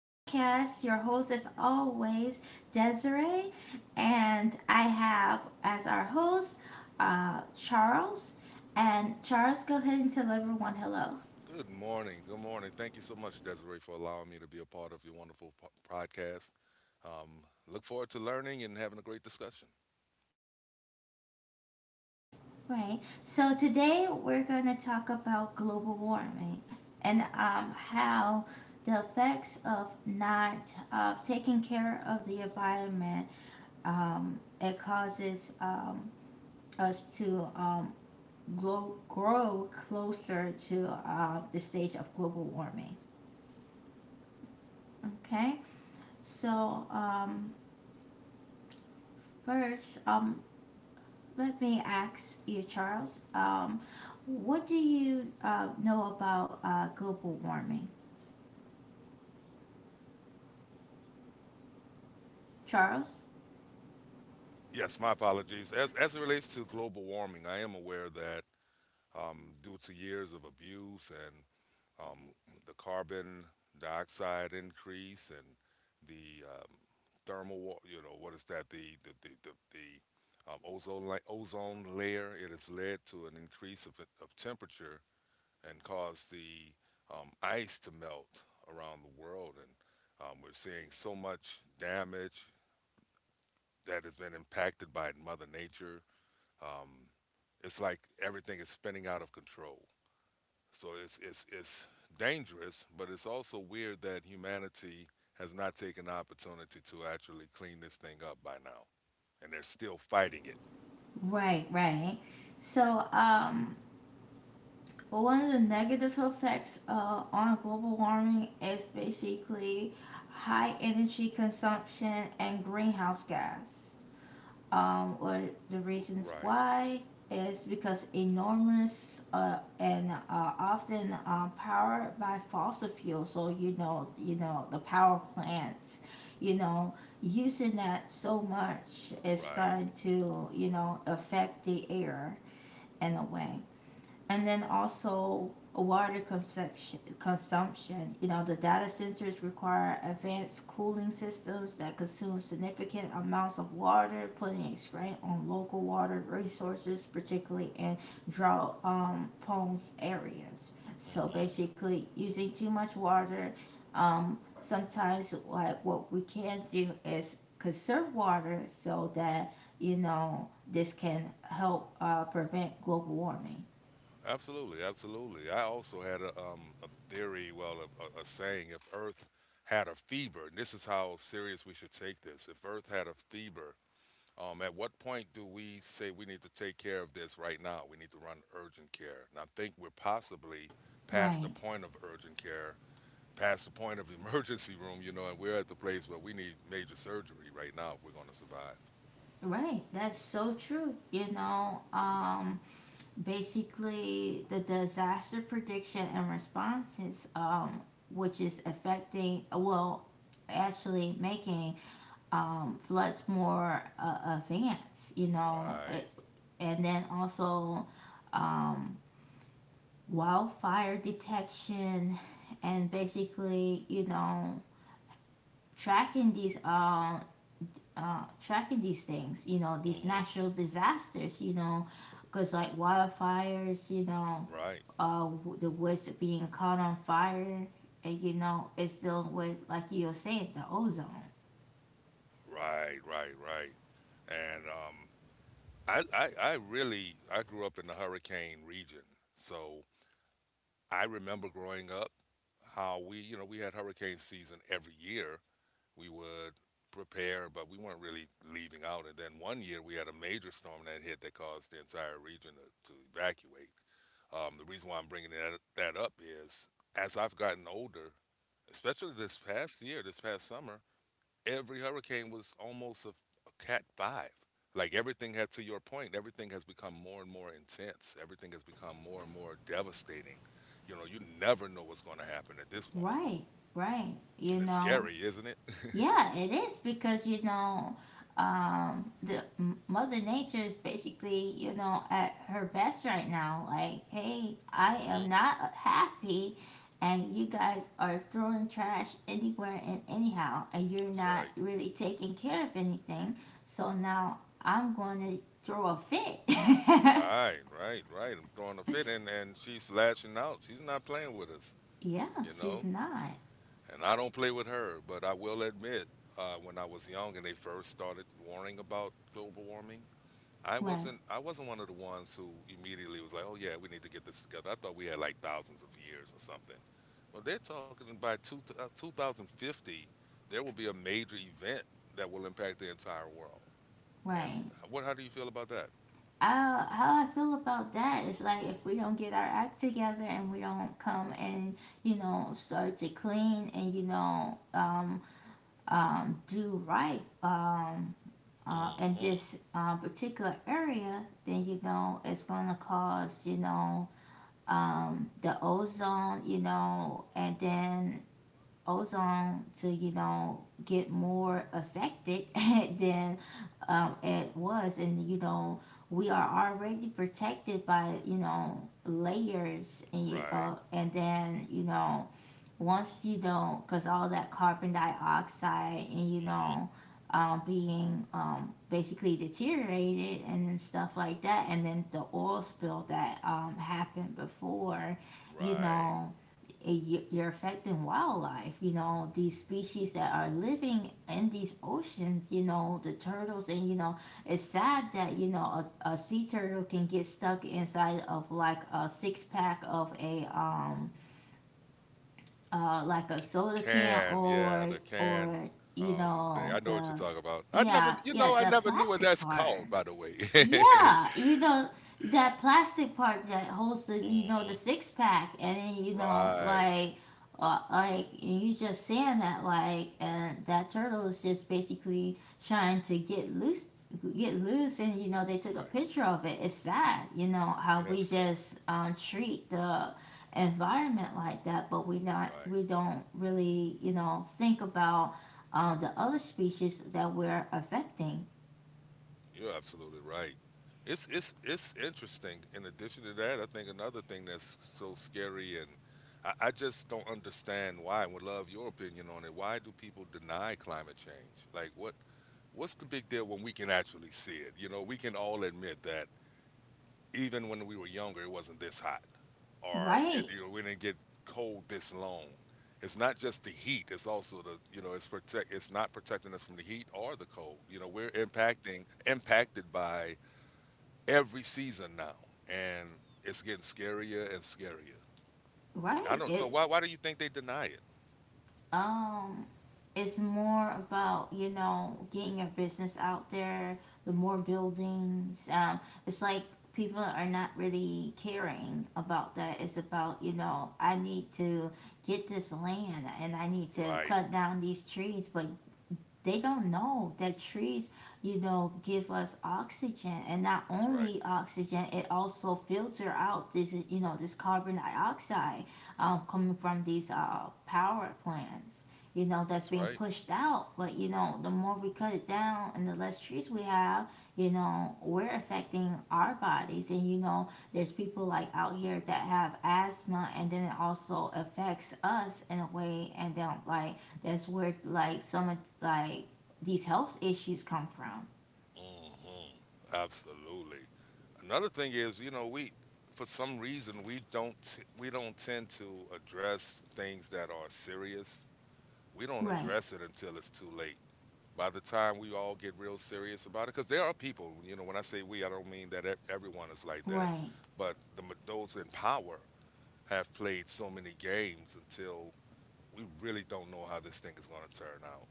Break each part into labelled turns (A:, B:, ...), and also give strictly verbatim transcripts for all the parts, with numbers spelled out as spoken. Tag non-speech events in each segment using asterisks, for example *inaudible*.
A: podcast. Your host, is always, Desiree. And I have as our host, uh, Charles. And Charles, go ahead and tell everyone hello.
B: Good morning. Good morning. Thank you so much, Desiree, for allowing me to be a part of your wonderful po- podcast. Um, Look forward to learning and having a great discussion.
A: Right. So today we're going to talk about global warming and um, how the effects of not uh, taking care of the environment um, it causes um, us to um, grow, grow closer to uh, the stage of global warming. Okay, so um, first, um, let me ask you, Charles, um, what do you uh, know about uh, global warming? Charles?
B: Yes, my apologies. As, as it relates to global warming, I am aware that um, due to years of abuse and um, the carbon dioxide increase and the um, thermal, wa- you know, what is that? The the the the, the um, ozone la- ozone layer. It has led to an increase of, of temperature and cause the um, ice to melt around the world. And um, we're seeing so much damage that has been impacted by Mother Nature. Um, it's like everything is spinning out of control. So it's, it's, it's dangerous, but it's also weird that humanity has not taken the opportunity to actually clean this thing up by now. And they're still fighting it.
A: Right, right. So, um, But one of the negative effects uh, on global warming is basically high energy consumption and greenhouse gas. Um, or the
B: R-
A: reasons
B: right,
A: why is because enormous uh, and uh, often uh, powered by fossil fuels. So you know, you know the power plants. You know, using that so much is
B: right.
A: starting to you know affect the air in a way, and then also water consumption consumption. You know, the data centers require advanced cooling systems that consume significant amounts of water, putting a strain on local water resources, particularly in drought um, prone areas. So
B: Mm-hmm.
A: basically using too much water, um, sometimes like what we can do is conserve water so that you know this can help uh, prevent global warming.
B: Absolutely, absolutely. I also had a um a theory, well, a, a, a saying: if Earth had a fever, and this is how serious we should take this. If Earth had a fever, um, at what point do we say we need to take care of this right now? We need to run urgent care, and I think we're possibly past the
A: Right,
B: point of urgent care, past the point of *laughs* emergency room, you know, and we're at the place where we need major surgery right now if we're going to survive.
A: right. That's so true. You know, um, basically the disaster prediction and responses, um, which is affecting, well, actually making um, floods more uh, advanced, you know, it,
B: Right.
A: and then also um, wildfire detection, and basically, you know, tracking these um, uh, tracking these things, you know, these
B: Hmm.
A: natural disasters, you know, because like wildfires, you know,
B: Right.
A: uh, w- the woods being caught on fire, and you know, it's dealing with, like you were saying, the ozone.
B: Right. Right. Right. And um, I, I, I really I grew up in the hurricane region, so I remember growing up how we you know we had hurricane season every year. We would prepare, but we weren't really leaving out. And then one year we had a major storm that hit that caused the entire region to, to evacuate. Um, the reason why I'm bringing that that up is as I've gotten older, especially this past year, this past summer, every hurricane was almost a, a cat five. Like everything had, to your point, everything has become more and more intense. Everything has become more and more devastating. You know, you never know what's going to happen at this point,
A: Right, right, you
B: and it's
A: know.
B: scary, isn't it? *laughs*
A: Yeah, it is because you know, um, the M- Mother Nature is basically you know at her best right now. Like, hey, I am
B: Hmm.
A: not happy, and you guys are throwing trash anywhere and anyhow, and you're
B: That's
A: not
B: right.
A: really taking care of anything. So now I'm going to throw a fit.
B: Right, right, right. I'm throwing a fit, and and she's lashing out. She's not playing with us,
A: *laughs* Yeah,
B: you
A: she's
B: know.
A: not
B: And I don't play with her, but I will admit, uh, when I was young and they first started warning about global warming, I
A: right.
B: wasn't I wasn't one of the ones who immediately was like, "Oh yeah, we need to get this together." I thought we had like thousands of years or something. Well, they're talking by two, uh, two thousand fifty, there will be a major event that will impact the entire world. And
A: Right.
B: what how do you feel about that?
A: uh, how I feel about that is, like, if we don't get our act together and we don't come and you know start to clean and you know um, um, do right, um, uh, in
B: Mhm.
A: this uh, particular area, then you know it's gonna cause you know um, the ozone, you know, and then ozone to you know get more affected *laughs* than um, it was, and you know we are already protected by you know layers and you-
B: Right.
A: uh, and then you know once you don't, because all that carbon dioxide and you
B: Mhm.
A: know, um, being um, basically deteriorated and stuff like that, and then the oil spill that um, happened before, you
B: Right.
A: know, it, you- you're affecting wildlife. You know, these species that are living in these oceans, you know, the turtles, and you know, it's sad that, you know, a, a sea turtle can get stuck inside of like a six pack of a, um, uh,
B: Uh,
A: like a
B: c-
A: soda can
B: can, yeah,
A: or
B: the can
A: or you
B: um thing.
A: know
B: I know what you're
A: the
B: talking about. I never
A: yeah
B: you
A: yeah
B: know, I
A: the
B: never knew what
A: plastic
B: that's
A: part,
B: called, by the way. *laughs*
A: yeah, you know, that plastic part that holds the you know the
B: Mhm.
A: six pack, and then you know,
B: Right.
A: like uh, like, and you just saying that like, and that turtle is just basically trying to get loose get loose, and you know they took a
B: Right.
A: picture of it. It's sad you know how
B: Yes,
A: we
B: sir.
A: just um, treat the environment like that, but we not
B: Right.
A: we don't really you know think about uh, the other species that we're affecting,
B: You're absolutely right. It's it's it's interesting. In addition to that, I think another thing that's so scary and I, I just don't understand why. And Would love your opinion on it. Why do people deny climate change? Like what what's the big deal when we can actually see it? You know, we can all admit that even when we were younger it wasn't this hot. Or It,
A: right.
B: you know, we didn't get cold this long. It's not just the heat; it's also the you know, it's protect. It's not protecting us from the heat or the cold. You know, we're impacting impacted by every season now, and it's getting scarier and scarier. I
A: Right.
B: don't. So
A: It
B: why why do you think they deny it?
A: um it's more about you know getting your business out there, the more buildings um it's like people are not really caring about that. It's about you know I need to get this land and I need to
B: Right.
A: cut down these trees, but they don't know that trees, you know, give us oxygen, and not
B: That's right.
A: only oxygen, it also filter out this, you know, this carbon dioxide um, coming from these uh, power plants. You know that's
B: That's
A: being
B: right.
A: pushed out, but you know the more we cut it down and the less trees we have, you know we're affecting our bodies. And you know there's people like out here that have asthma, and then it also affects us in a way, and then like that's where like some of like these health issues come from.
B: Hmm. Absolutely. Another thing is, you know, we for some reason we don't t- we don't tend to address things that are serious. We don't
A: Right,
B: address it until it's too late. By the time we all get real serious about it, because there are people, you know, when I say we, I don't mean that e- everyone is like that,
A: right,
B: but the, ma- those in power have played so many games until we really don't know how this thing is going to turn out.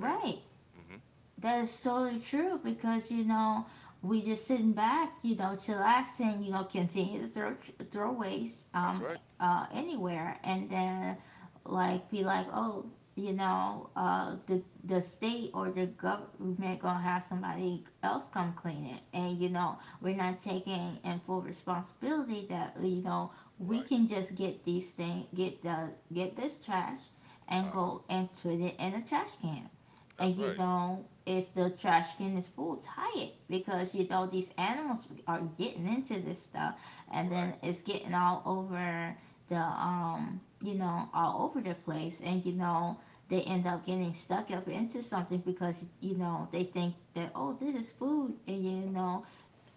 B: And hmm
A: That is totally true, because you know we just sitting back, you know, chillaxing, you know, continue to throw throw waste
B: that's
A: um
B: right.
A: uh anywhere, and then like be like, oh, you know, uh, the the state or the government gonna have somebody else come clean it, and you know, we're not taking in full responsibility that you know we
B: Right.
A: can just get these things, get the get this trash, and
B: Uh huh.
A: go and put it in a trash can, and
B: That's
A: you
B: right.
A: know if the trash can is full, tie it because you know these animals are getting into this stuff, and
B: Right.
A: then it's getting all over the um you know all over the place, and you know they end up getting stuck up into something because you know they think that oh this is food, and you know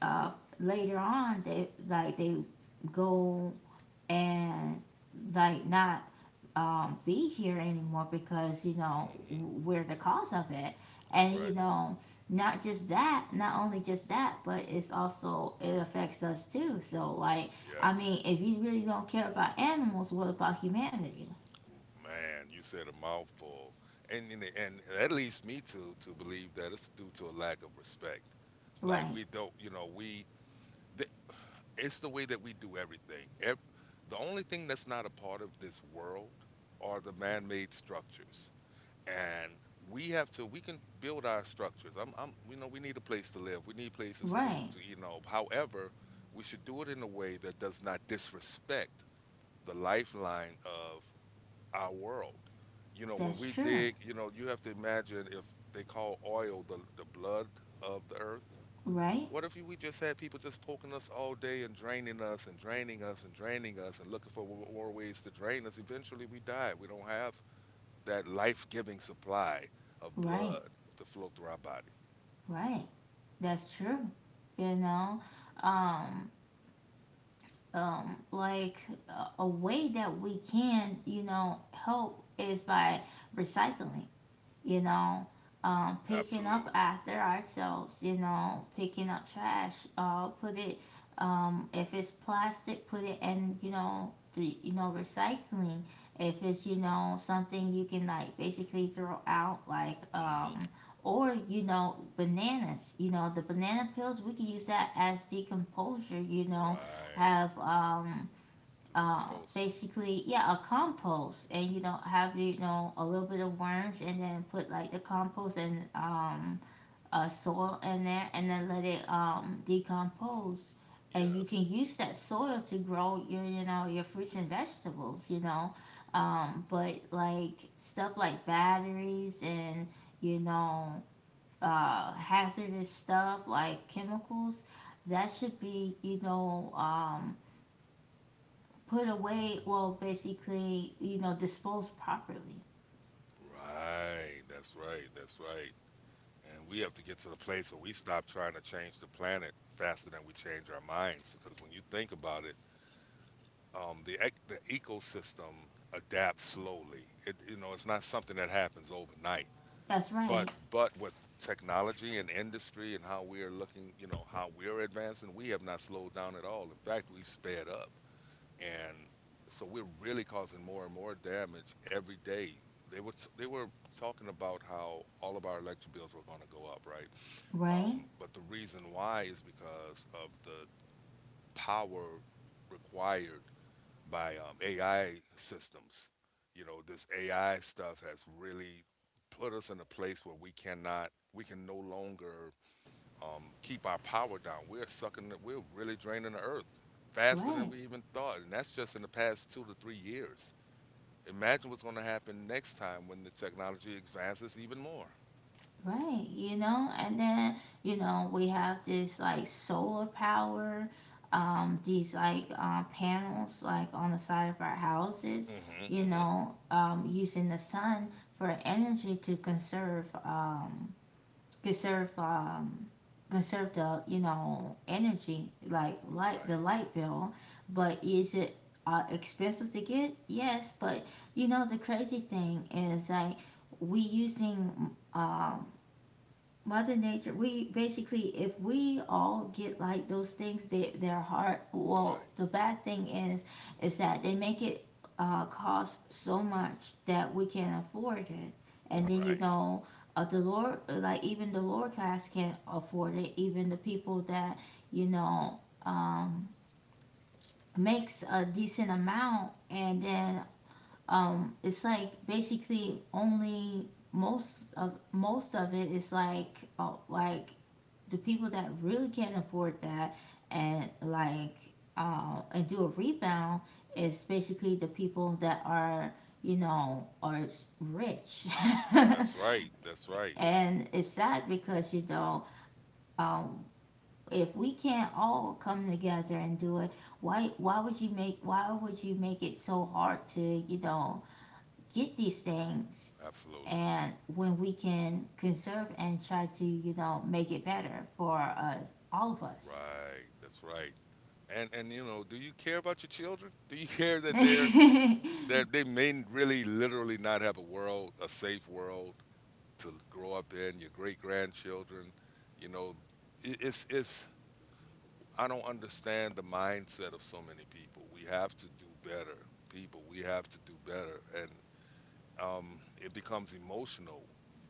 A: uh later on they like they go and like not um, be here anymore because you know
B: Hmm.
A: w- we're the cause of it,
B: That's
A: and you
B: right.
A: know not just that, not only just that, but it's also it affects us too, so like I
B: Yes.
A: mean if you really don't care about animals, what about humanity?
B: Man, you said a mouthful, and and, and that leads me to to believe that it's due to a lack of respect. Like
A: Right,
B: we don't, you know, we th- it's the way that we do everything. Ev- the only thing that's not a part of this world are the man-made structures, and we have to. We can build our structures. I'm, I'm, you know, we need a place to live. We need places to,
A: right,
B: to, you know. However, we should do it in a way that does not disrespect the lifeline of our world. You know, when
A: that's
B: we
A: true.
B: dig, you know, you have to imagine if they call oil the, the blood of the earth.
A: Right,
B: What if you, we just had people just poking us all day and draining us and draining us and draining us and looking for w- more ways to drain us? Eventually we die. We don't have that life giving supply of blood
A: right,
B: to flow through our body.
A: right. That's true. You know um um like, a, a way that we can you know help is by recycling, you know, um, picking up
B: Absolutely.
A: after ourselves, you know, picking up trash, uh, put it, um, if it's plastic, put it in, you know, the, you know, recycling. If it's, you know, something you can like basically throw out, like,
B: Hmm.
A: um, or, you know, bananas, you know, the banana peels, we can use that as decomposer, you know,
B: Right.
A: have, um, uh,
B: Recompose.
A: basically yeah a compost, and you know have you know a little bit of worms, and then put like the compost and um, uh, soil in there, and then let it um, decompose, and you can
B: Yes.
A: use that soil to grow your you know your fruits and vegetables, you know, um, but like stuff like batteries and you know uh, hazardous stuff like chemicals that should be you know um, put away, well, basically you know disposed properly.
B: Right. That's right. That's right. And we have to get to the place where we stop trying to change the planet faster than we change our minds. Because when you think about it, um, the ec- the ecosystem adapts slowly. It you know it's not something that happens overnight.
A: That's right,
B: But but with technology and industry and how we are looking, you know how we're advancing, we have not slowed down at all. In fact, we've sped up, and so we're really causing more and more damage every day. They were they were talking about how all of our electric bills were going to go up, right?
A: right,
B: Um, but the reason why is because of the power required by um, A I systems. You know, this A I stuff has really put us in a place where we cannot, we can no longer um, keep our power down. We're sucking, the- we're really draining the earth faster than
A: right.
B: we even thought. And that's just in the past two to three years. Imagine what's going to happen next time when the technology advances even more.
A: Right, you know, and then you know we have this like solar power, um these like um panels like on the side of our houses,
B: Hmm.
A: you
B: Hmm.
A: know um using the sun for energy to conserve um conserve um conserve the you know energy, like light, the
B: Right,
A: light bill, but is it uh, expensive to get? Yes, but you know the crazy thing is like, we using um Mother Nature, we basically, if we all get like those things, they, they're hard. Well,
B: right,
A: the bad thing is, is that they make it uh, cost so much that we can't afford it. And then, you
B: right.
A: know, uh, the lower, like even the lower class can't afford it. Even the people that, you know, um, makes a decent amount. And then um, it's like basically only most of most of it is like uh, like the people that really can't afford that, and like uh, and do a rebound is basically the people that are you know are rich.
B: That's right. That's
A: *laughs*
B: right.
A: And it's sad because you know um, if we can't all come together and do it, why why would you make why would you make it so hard to you know get these things,
B: Absolutely.
A: and when we can conserve and try to you know make it better for us, all of us.
B: Right. That's right. And and you know, do you care about your children? Do you *laughs* care
A: *laughs*
B: that they're
A: Right,
B: that they may really literally not have a world, a safe world to grow up in, your great grandchildren, you know, it, it's it's I don't understand the mindset of so many people. We have to do better. People, we have to do better. And um, it becomes emotional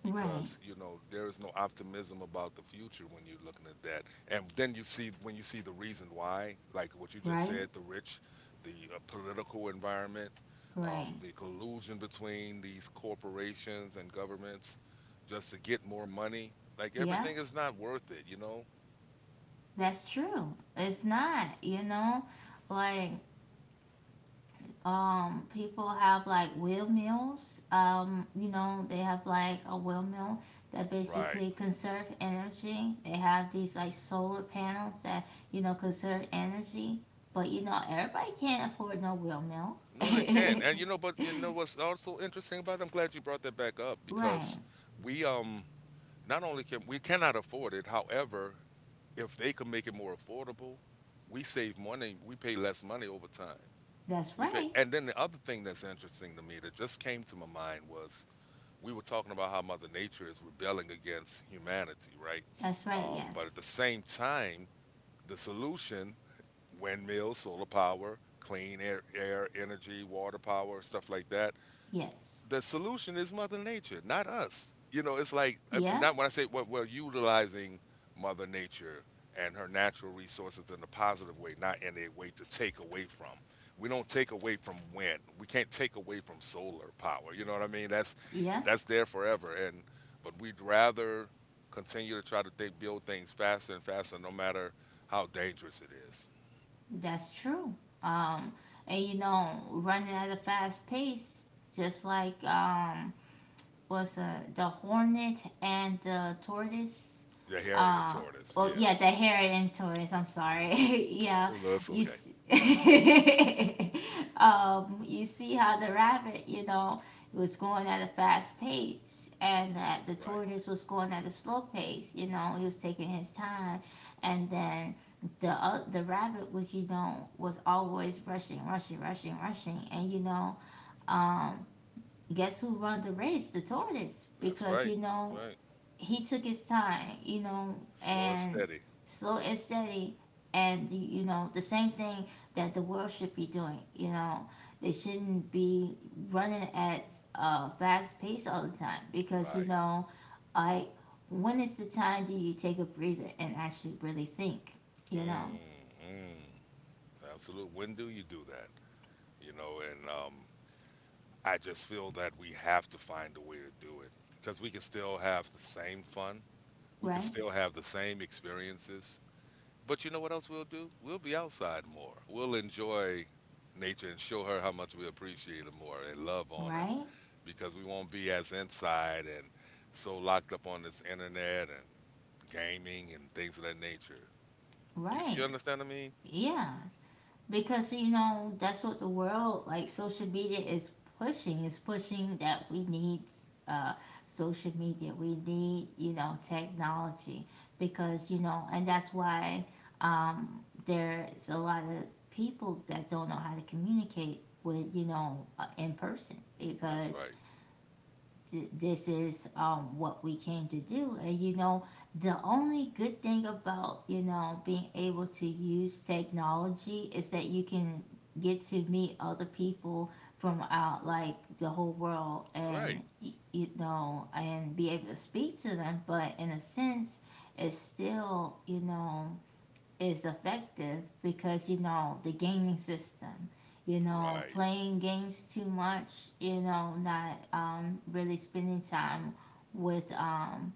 B: because you know there is no optimism about the future when you're looking at that and then you see when you see the reason why like what you just
A: right,
B: said the rich the uh, political environment um,
A: right.
B: the collusion between these corporations and governments just to get more money like
A: Yeah,
B: everything is not worth it you know
A: that's true. It's not, you know, like um people have like windmills. Um, you know, they have like a windmill that
B: right
A: basically conserve energy. They have these like solar panels that, you know, conserve energy. But you know, everybody can't afford no windmill.
B: no, they can.
A: *laughs*
B: Not And you know, but you know what's also interesting about it? I'm glad you brought that back up because
A: Right.
B: we um not only can we cannot afford it, however, if they can make it more affordable, we save money. We pay less money over time.
A: That's
B: We pay,
A: right.
B: and then the other thing that's interesting to me that just came to my mind was we were talking about how Mother Nature is rebelling against humanity, right?
A: That's right,
B: Um, but at the
A: yes.
B: same time, the solution windmills, solar power, clean air, air, energy, water power, stuff like that
A: Yes.
B: the solution is Mother Nature, not us. You know, it's like uh,
A: Yeah,
B: not when I say well, we're utilizing Mother Nature and her natural resources in a positive way, not in a way to take away from. We don't take away from wind. We can't take away from solar power. You know what I mean? That's
A: yeah.
B: that's there forever. And but we'd rather continue to try to think, build things faster and faster, no matter how dangerous it is.
A: That's true. Um, and you know, running at a fast pace, just like um, was uh, the hornet and the tortoise.
B: The hare and the
A: Uh,
B: tortoise.
A: oh
B: Yeah.
A: yeah, the hare and tortoise. I'm
B: Hmm.
A: sorry. *laughs* Yeah,
B: Oh no, that's
A: you.
B: okay.
A: S *laughs* um, you see how the rabbit, you know, was going at a fast pace, and that the
B: Right.
A: tortoise was going at a slow pace. You know, he was taking his time, and then the uh, the rabbit was, you know, was always rushing, rushing, rushing, rushing, and you know, um, guess who run the race? The tortoise.
B: That's
A: Because,
B: right.
A: you
B: That's
A: know,
B: right.
A: he took his time, you know,
B: Slow and
A: and
B: steady.
A: slow and steady. And, you you know, the same thing that the world should be doing, you know. They shouldn't be running at a fast pace all the time because, you
B: Right.
A: know, I, when is the time do you take a breather and actually really think, you know,
B: Mm, mm, Absolute. When do you do that? You know, and um, I just feel that we have to find a way to do it because we can still have the same fun. We can
A: right?
B: still have the same experiences. But you know what else we'll do? We'll be outside more. We'll enjoy nature and show her how much we appreciate her more and love on her
A: Right?
B: because we won't be as inside and so locked up on this internet and gaming and things of that nature. You, you
A: Right.
B: understand what I mean?
A: Yeah. Because you know that's what the world like social media is pushing is pushing that we need uh, social media we need you know technology because you know and that's why um, there's a lot of people that don't know how to communicate with you know uh, in person
B: That's
A: because
B: right.
A: this is um, what we came to do. And you know, the only good thing about you know being able to use technology is that you can get to meet other people from out like the whole world
B: Right.
A: and you know and be able to speak to them. But in a sense, it's still you know is effective because you know the gaming system you know
B: Right.
A: playing games too much you know not um, really spending time with um,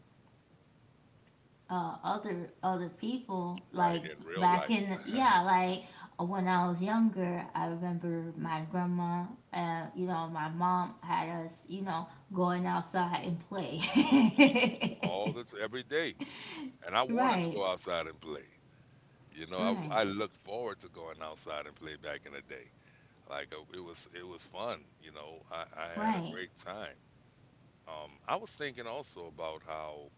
A: uh, other other people
B: Right.
A: like
B: In real
A: back
B: life.
A: in the, yeah like when I was younger I remember my grandma uh, you know my mom had us you know going outside and play
B: Hmm, hmm. All
A: *laughs*
B: this every day. And I wanted to
A: right,
B: go outside and play. You know,
A: right
B: I I look forward to going outside and play back in the day. Like uh, it was it was fun. You know, I, I had a
A: right
B: great time. Um, I was thinking also about how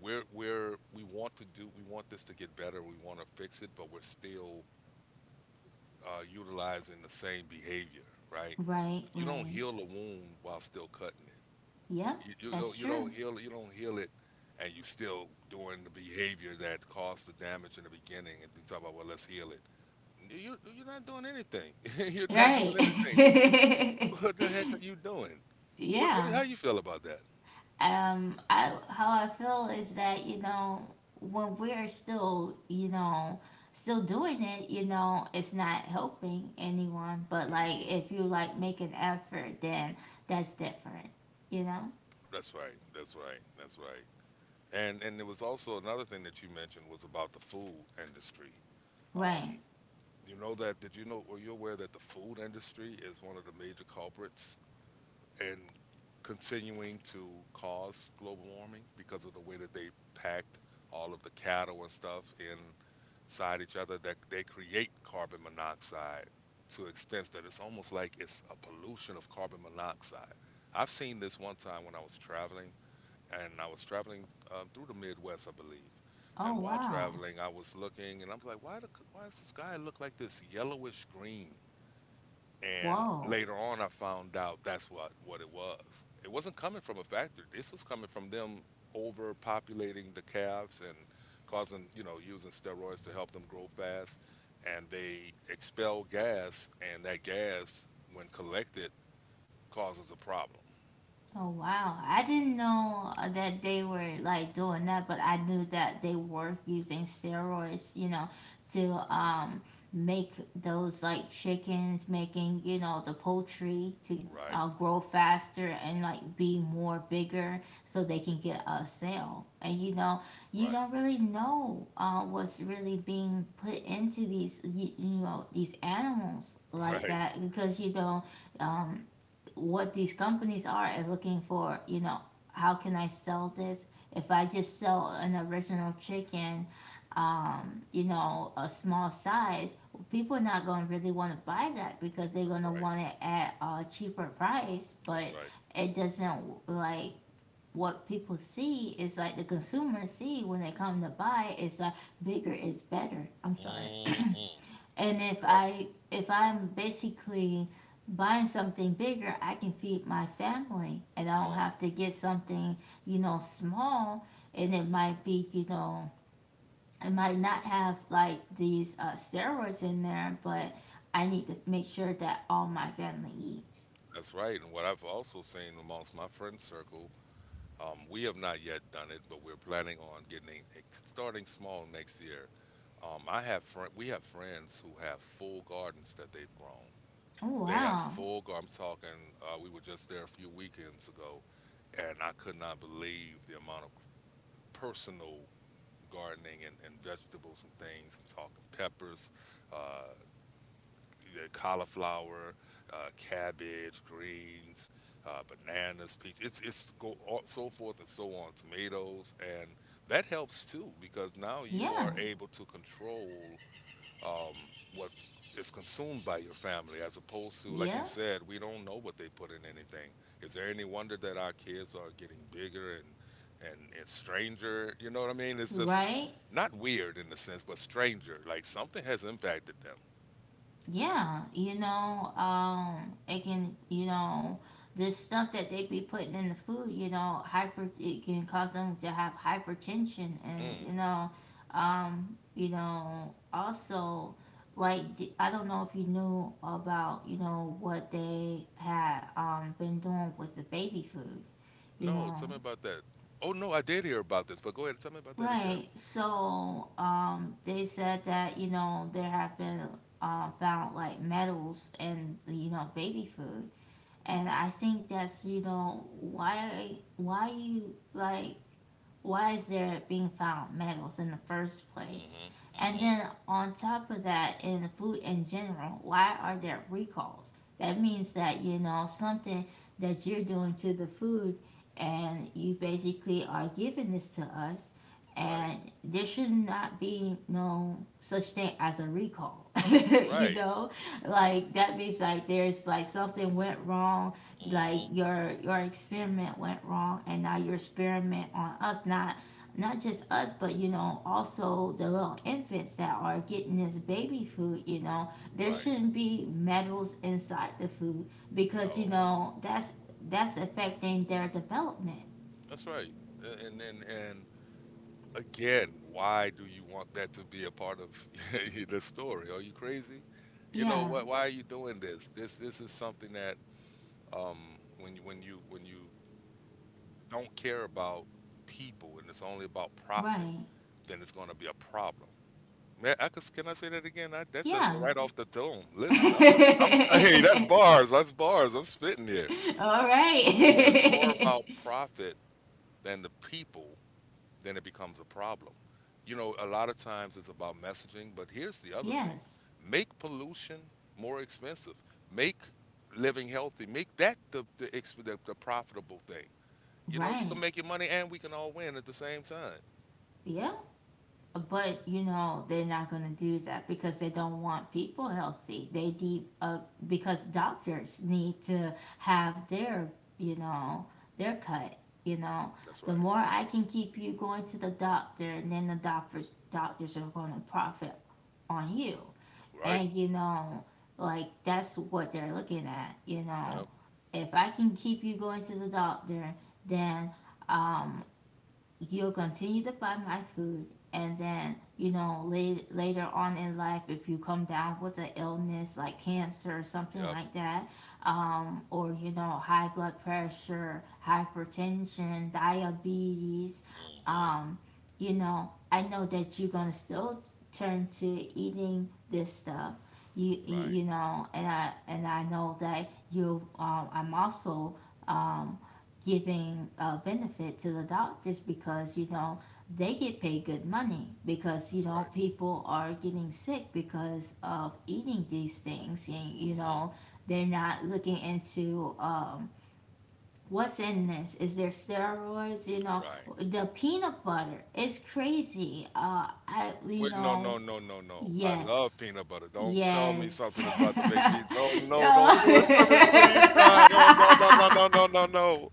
B: we're we're we want to do we want this to get better. We want to fix it, but we're still uh, utilizing the same behavior, right?
A: right,
B: You don't
A: right,
B: heal a wound while still cutting
A: yep,
B: it. you, you
A: that's
B: don't you
A: true.
B: don't heal you don't heal it, and you still doing the behavior that caused the damage in the beginning, and you talk about, well, let's heal it. You you- are not doing anything, *laughs* you're not
A: Right.
B: doing anything, but *laughs* what the heck are you doing?
A: *laughs*
B: What what
A: Yeah.
B: How you feel about that?
A: Um I how I feel is that, you know, when we're still, you know, still doing it, you know, it's not helping anyone, but like
B: Hmm.
A: if you like make an effort, then that's different, you know?
B: that's right that's right that's right. And and there was also another thing that you mentioned, was about the food industry.
A: Right.
B: Um, you know that did you know, were you aware that the food industry is one of the major culprits and continuing to cause global warming because of the way that they packed all of the cattle and stuff inside each other, that they create carbon monoxide to extents that it's almost like it's a pollution of carbon monoxide. I've seen this one time when I was traveling, and I was traveling um, through the Midwest, I believe.
A: Oh
B: And while
A: wow.
B: traveling, I was looking, and I'm like, why, the, why does the sky look like this yellowish green? And
A: Whoa.
B: later on, I found out that's what what it was. It wasn't coming from a factory. This was coming from them overpopulating the calves and causing, you know, using steroids to help them grow fast. And they expel gas, and that gas, when collected, causes a problem.
A: Oh wow, I didn't know uh, that they were like doing that, but I knew that they were using steroids, you know, to
B: Hmm.
A: um make those like chickens, making, you know, the poultry to
B: Right,
A: uh, grow faster and like be more bigger so they can get a sale. And you know, you
B: right,
A: don't really know uh, what's really being put into these you, you know, these animals
B: *laughs*
A: like
B: right.
A: that because you don't um what these companies are is looking for, you know, how can I sell this? If I just sell an original chicken, um, you know, a small size, people are not going to really want to buy that because they're
B: That's
A: going to
B: right.
A: want it at a cheaper price.
B: That's
A: But
B: right.
A: it doesn't like what people see is like the consumers see when they come to buy is like bigger is better. I'm sorry.
B: Hmm.
A: And if
B: Yep.
A: I if I'm basically buying something bigger, I can feed my family and I
B: Come
A: don't
B: on.
A: have to get something, you know, small and it might be, you know, it might not have like these uh, steroids in there, but I need to make sure that all my family eats.
B: That's right. And what I've also seen amongst my friend circle. Um, we have not yet done it, but we're planning on getting it, starting small next year. Um, I have fr- we have friends who have full gardens that they've grown.
A: Oh
B: They have
A: wow.
B: full. Gar- I'm talking. Uh, we were just there a few weekends ago, and I could not believe the amount of personal gardening and, and vegetables and things. I'm talking peppers, uh, uh, cauliflower, uh, cabbage, greens, uh, bananas, peach. It's it's go all, so forth and so on. Tomatoes, and that helps too, because now you
A: Yeah.
B: are able to control um, what is consumed by your family, as opposed to, like you
A: Yeah.
B: said, we don't know what they put in anything. Is there any wonder that our kids are getting bigger and and and stranger? You know what I mean? It's just
A: Right?
B: not weird in the sense, but stranger. Like something has impacted them.
A: Yeah, you know, um, it can, you know, this stuff that they be putting in the food, you know, hyper, it can cause them to have hypertension, and
B: Mm.
A: you know, um, you know, also, like, d- I don't know if you knew about, you know, what they had um been doing with the baby food, you
B: No,
A: know,
B: tell me about that. Oh no, I did hear about this, but go ahead, and tell me about that again.
A: right. So um, they said that you know there have been uh, found like metals in you know baby food, and I think that's you know why why you like why is there being found metals in the first place?
B: Mm-hmm.
A: And
B: Mm-hmm.
A: then on top of that, in food in general, why are there recalls? That means that you know something that you're doing to the food, and you basically are giving this to us,
B: Right.
A: and there should not be no such thing as a recall. *laughs* You
B: Right.
A: know, like that means like there's like something went wrong like
B: Mm-hmm.
A: your your experiment went wrong and now your experiment on us not not just us but you know also the little infants that are getting this baby food you know there
B: Right.
A: shouldn't be metals inside the food because you
B: No,
A: know that's that's affecting their development.
B: that's right. A- And and and again, why do you want that to be a part of *laughs* the story? Are you crazy? You know
A: Yeah,
B: what? Why are you doing this? This this is something that um when you when you when you don't care about people and it's only about profit,
A: right,
B: then it's going to be a problem. Man, I could can I say that again? I That's just
A: yeah.
B: right off the dome. Listen, I'm I'm I'm *laughs* hey, that's
A: *laughs*
B: bars, that's bars. I'm spitting here.
A: All
B: But when it's more
A: right.
B: about profit than the people, then it becomes a problem. You know, a lot of times it's about messaging, but here's the
A: *laughs*
B: other thing.
A: Yes,
B: Make pollution more expensive. Make living healthy. Make that the the, ex- the, the profitable thing. You know, you
A: right,
B: can make your money and we can all win at the same time.
A: yeah. But you know they're not going to do that because they don't want people healthy. They need uh, because doctors need to have their you know their cut. You know
B: That's
A: the
B: right.
A: more I can keep you going to the doctor, and then the doctors doctors are going to profit on you.
B: Right?
A: And you know like that's what they're looking at. You know
B: Yep.
A: if I can keep you going to the doctor, then um, you'll continue to buy my food and then you know late, later on in life if you come down with an illness like cancer or something
B: Yep.
A: like that um, or you know high blood pressure hypertension diabetes,
B: Hmm.
A: um, you know I know that you're going to still turn to eating this stuff you
B: Right.
A: you know and i and i know that you um, I'm also um, giving a benefit to the doctors because you know they get paid good money because you
B: That's
A: know
B: right.
A: people are getting sick because of eating these things and you
B: Mm-hmm.
A: know they're not looking into um what's in this is there steroids you know
B: Right.
A: the peanut butter is crazy uh I you
B: Wait, no,
A: know.
B: no, no, no, no. I love
A: Yes,
B: peanut butter. Don't tell me
A: yes.
B: something is about to make me. No,
A: *laughs*
B: no,
A: No.
B: don't do it to me, please, God. Oh, no, no, no, no, no,
A: *laughs*
B: no, no.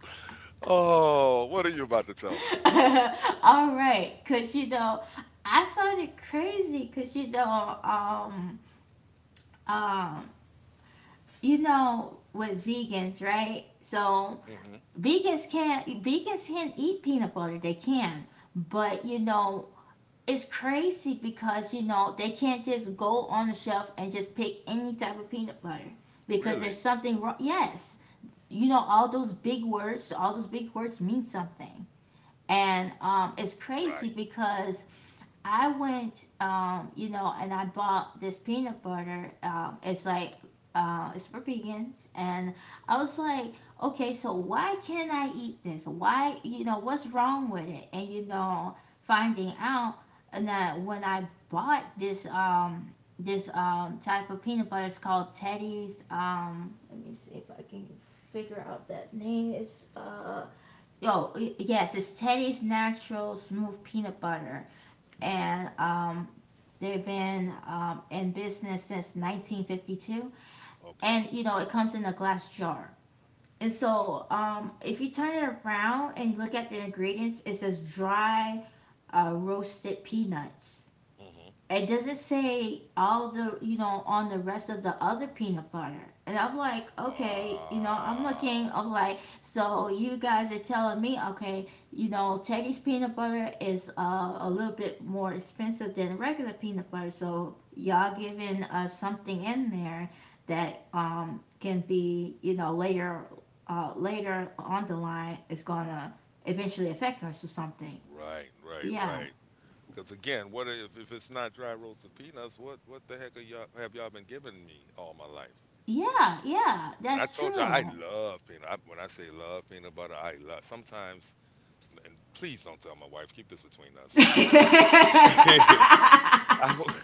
B: Oh, what are you about to tell
A: *laughs* All right, cause you know, I found it crazy, cause you know, um, um, you know, with vegans, right? So
B: me? Hmm.
A: vegans can't, vegans can't eat peanut butter. They can, but you know, it's crazy because you know they can't just go on the shelf and just pick any type of peanut butter because there's
B: Really?
A: something wrong. Yes, you know, all those big words, all those big words mean something, and um, it's crazy
B: Right.
A: because I went, um, you know, and I bought this peanut butter. Um, it's like, uh, it's for vegans, and I was like, okay, so why can't I eat this? Why, you know, what's wrong with it? And you know, finding out that when I bought this, um, this um type of peanut butter, it's called Teddy's. Um, let me see if I can figure out that name. Is uh, oh yes, it's Teddy's Natural Smooth Peanut Butter and um, they've been um, in business since nineteen fifty-two.
B: Okay.
A: And you know, it comes in a glass jar. And so, um, if you turn it around and you look at the ingredients, it says dry uh, roasted peanuts.
B: Hmm.
A: It doesn't say all the you know on the rest of the other peanut butter and I'm like okay you know I'm
B: Wow.
A: looking I'm like so you guys are telling me okay you know Teddy's peanut butter is uh, a little bit more expensive than regular peanut butter so y'all giving us something in there that um can be you know later uh later on the line is gonna eventually affect us or something.
B: Right, right,
A: Yeah,
B: right. Because again, what if if it's not dry roasted peanuts? What what the heck are y'all, have y'all been giving me all my life?
A: yeah, yeah,
B: And I
A: that's
B: told you I
A: true.
B: love peanut. I, when I say love peanut butter, I love. Sometimes, and please don't tell my wife. Keep this between us. Sometimes I,
A: *laughs*
B: *laughs* I, will-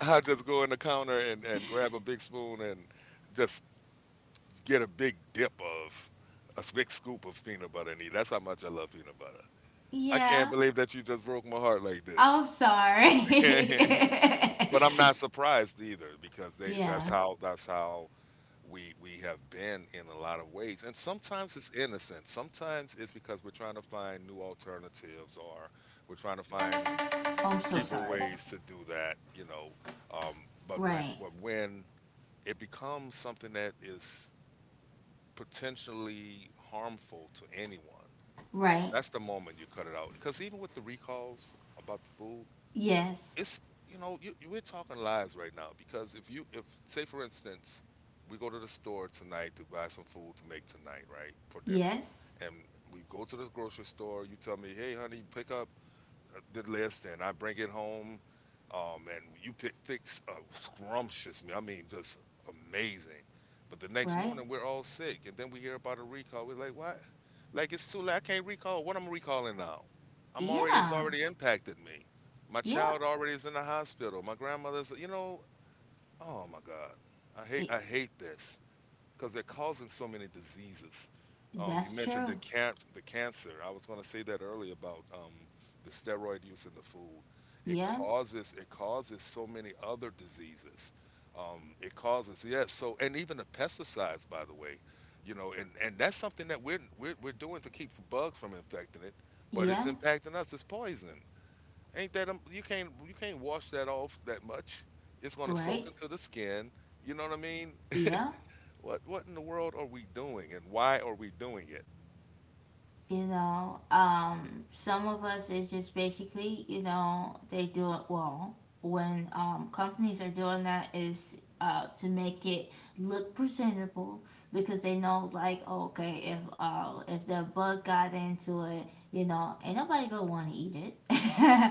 B: I just go in the counter and, and grab a big spoon and just get a big dip of a big scoop of peanut butter and eat. That's how much I love peanut butter. I can't
A: Yeah,
B: believe that you just broke my heart like this.
A: I'm sorry.
B: *laughs* But I'm not
A: *laughs*
B: surprised either, because they that's
A: Yeah,
B: how that's how we we have been in a lot of ways. And sometimes it's innocent. Sometimes it's because we're trying to find new alternatives, or we're trying to find
A: I'm so
B: cheaper
A: sorry.
B: ways to do that, you know. Um, but when
A: Right,
B: but when it becomes something that is potentially harmful to anyone,
A: right.
B: that's the moment you cut it out. Because even with the recalls about the food,
A: Yes,
B: it's you know you, you- we're talking lives right now. Because if you, if say for instance we go to the store tonight to buy some food to make tonight, right, for dinner.
A: yes,
B: And we go to the grocery store. You tell me, "Hey, honey, pick up the list," and I bring it home. Um, and you pick, fix a scrumptious meal. I mean, just amazing. But the next
A: right.
B: morning, we're all sick. And then we hear about a recall. We're like, what? Like, it's too late. I can't recall. What I'm recalling now? I'm already, it's
A: Yeah,
B: already impacted me. My
A: yeah.
B: child already is in the hospital. My grandmother's, you know, oh my God. I hate,
A: i-
B: I hate this because they're causing so many diseases. Um, you
A: that's
B: mentioned the
A: true.
B: can- the cancer. I was going to say that earlier about um, the steroid use in the food. It
A: Yeah,
B: causes it causes so many other diseases. Um, it causes yes. So, and even the pesticides, by the way, you know, and, and that's something that we're, we're we're doing to keep bugs from infecting it, but it's
A: yeah,
B: impacting us. It's poison. Ain't that um, you can't you can't wash that off that much. It's going to soak
A: right.
B: into the skin. You know what I mean?
A: Yeah.
B: What what in the world are we doing, and why are we doing it?
A: You know, um, some of us is just basically, you know, they do it well. When um, companies are doing that is uh, to make it look presentable because they know, like, oh, okay, if uh, if the bug got into it, you know, ain't nobody gonna want to eat it.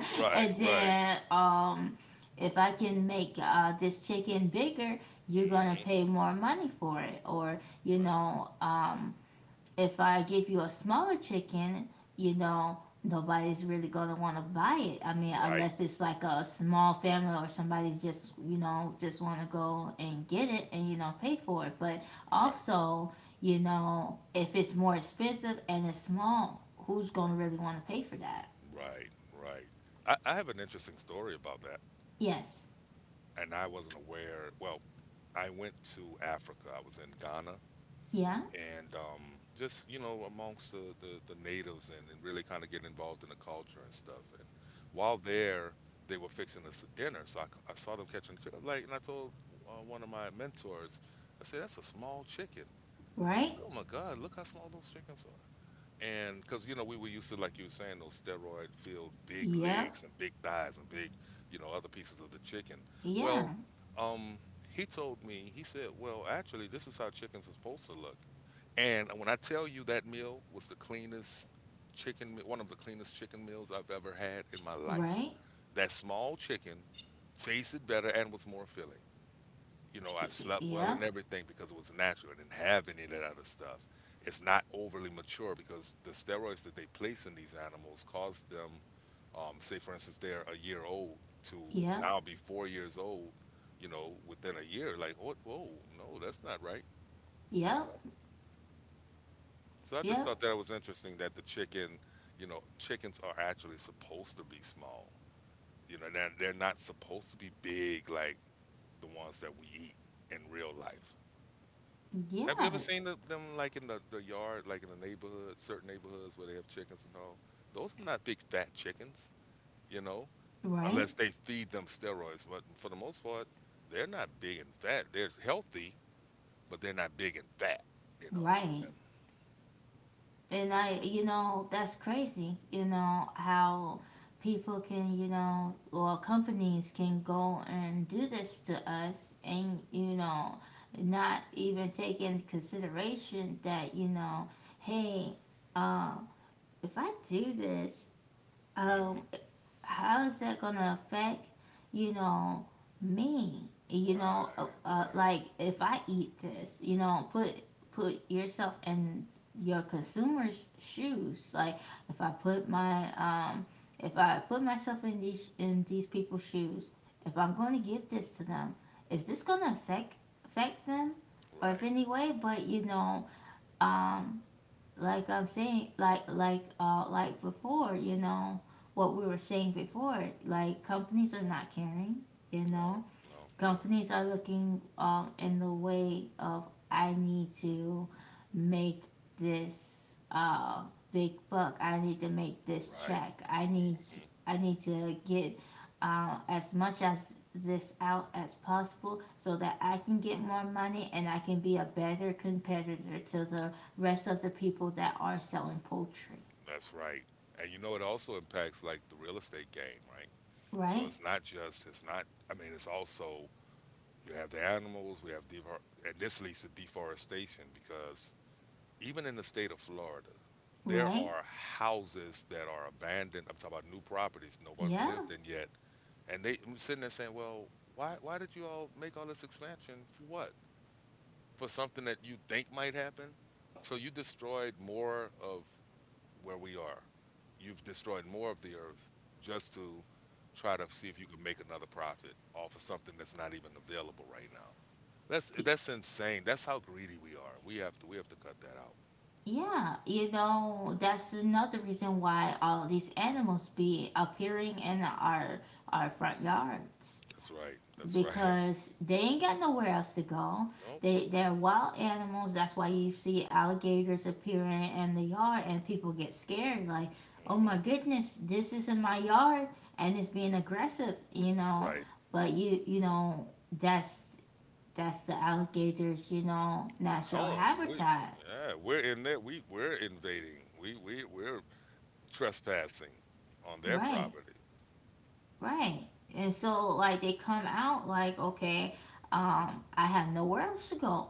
A: *laughs*
B: Right,
A: And
B: right,
A: then um, if I can make uh, this chicken bigger, you're gonna
B: hmm,
A: pay more money for it, or you
B: right,
A: know. Um, if I give you a smaller chicken, you know, nobody's really gonna want to buy it. I mean,
B: right,
A: unless it's like a small family or somebody just you know just want to go and get it and you know pay for it. But
B: right.
A: also, you know, if it's more expensive and it's small, who's gonna really want to pay for that?
B: Right, right. I, I have an interesting story about that,
A: Yes.
B: and I wasn't aware. Well, I went to Africa. I was in Ghana,
A: Yeah.
B: and um, just you know, amongst the the, the natives, and, and really kind of get involved in the culture and stuff. And while there, they were fixing us dinner, so I, c- I saw them catching chicken. Like, and I told uh, one of my mentors, I said, "That's a small chicken." I
A: Right.
B: said, "Oh my God, look how small those chickens are." And because you know we were used to, like you were saying, those steroid filled big
A: Yep.
B: legs and big thighs and big you know other pieces of the chicken. Well,
A: Yeah.
B: um, he told me, he said, "Well, actually, this is how chickens are supposed to look." And when I tell you that meal was the cleanest chicken, me- one of the cleanest chicken meals I've ever had in my life,
A: Right.
B: that small chicken tasted better and was more filling, you know, I slept well
A: Yep.
B: and everything because it was natural. I didn't have any of that other stuff. It's not overly mature because the steroids that they place in these animals cause them, um, say for instance, they're a year old to
A: Yep.
B: now be four years old, you know, within a year. Like, what? Whoa, no, that's not right. You
A: Yep.
B: know? So I just
A: Yep.
B: thought that was interesting that the chicken, you know, chickens are actually supposed to be small. You know, they're, they're not supposed to be big like the ones that we eat in real life. Have you ever
A: Yeah.
B: seen the, them like in the, the yard, like in the neighborhood, certain neighborhoods where they have chickens and all? Those are not big fat chickens, you know,
A: Right.
B: unless they feed them steroids. But for the most part, they're not big and fat. They're healthy, but they're not big and fat, you know.
A: Right. And I, you know, that's crazy, you know, how people can, you know, or companies can go and do this to us and, you know, not even take into consideration that, you know, hey, uh, if I do this, um,
B: Hmm.
A: how is that going to affect, you know, me? You know, uh,
B: Right,
A: uh,
B: right,
A: like if I eat this, you know, put put yourself in your consumer's shoes. Like if I put my um, if I put myself in these in these people's shoes, if I'm going to give this to them, is this going to affect affect them, or if
B: right.
A: any way? But you know, um, like I'm saying, like like uh like before, you know, what we were saying before, like companies are not caring, you
B: No,
A: know
B: no, no.
A: companies are looking um, in the way of I need to make this uh, big buck. I need to make this
B: Right.
A: check. I need
B: Hmm.
A: I need to get uh, as much as this out as possible so that I can get more money and I can be a better competitor to the rest of the people that are selling poultry.
B: That's right. And you know, it also impacts like the real estate game, right? So
A: Right?
B: it's not just, it's not, I mean, it's also you have the animals. We have defor- and this leads to deforestation because even in the state of Florida, there
A: Right?
B: are houses that are abandoned. I'm talking about new properties no one's
A: Yeah.
B: lived in yet, and they I'm sitting there saying, "Well, why why did you all make all this expansion for what? For something that you think might happen." So you destroyed more of where we are. You've destroyed more of the earth just to try to see if you can make another profit off of something that's not even available right now. That's that's insane. That's how greedy we are. We have to we have to cut that out.
A: Yeah, you know, that's another reason why all these animals be appearing in our our front yards
B: That's right. That's *laughs* right.
A: because they ain't got nowhere else to go.
B: Nope.
A: They they're wild animals. That's why you see alligators appearing in the yard and people get scared like, "Oh
B: Hmm.
A: my goodness, this is in my yard and it's being aggressive," you know.
B: Right.
A: But you you know, that's that's the alligators, you know, natural
B: Home. We
A: habitat.
B: yeah, we're in there. We we're invading. We we we're trespassing on their
A: Right.
B: property.
A: Right. And so like they come out like, okay, um, I have nowhere else to go.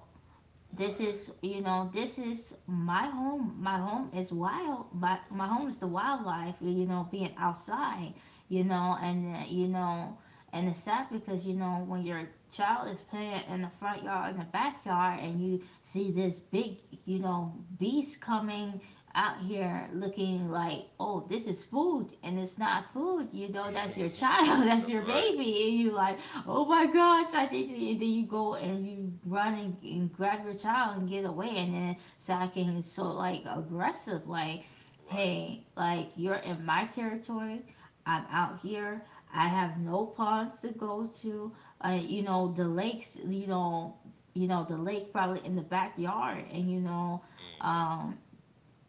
A: This
B: Right.
A: is, you know, this is my home. My home is wild. My, my
B: Mm-hmm.
A: home is the wildlife, you know, being outside, you know. And uh, you know and it's sad because, you know, when your child is playing in the front yard in the backyard and you see this big, you know, beast coming out here looking like, oh, this is food, and it's not food, you know, that's your
B: *laughs*
A: child *laughs* that's
B: That's
A: your
B: right.
A: baby, and you like, oh my gosh, I think that you, that you go and you run and, and grab your child and get away, and then Sakin is so like aggressive, like,
B: Right.
A: hey, like you're in my territory, I'm out here, I have no ponds to go to, uh, you know, the lakes, you know, you know, the lake probably in the backyard, and you know,
B: Hmm.
A: um,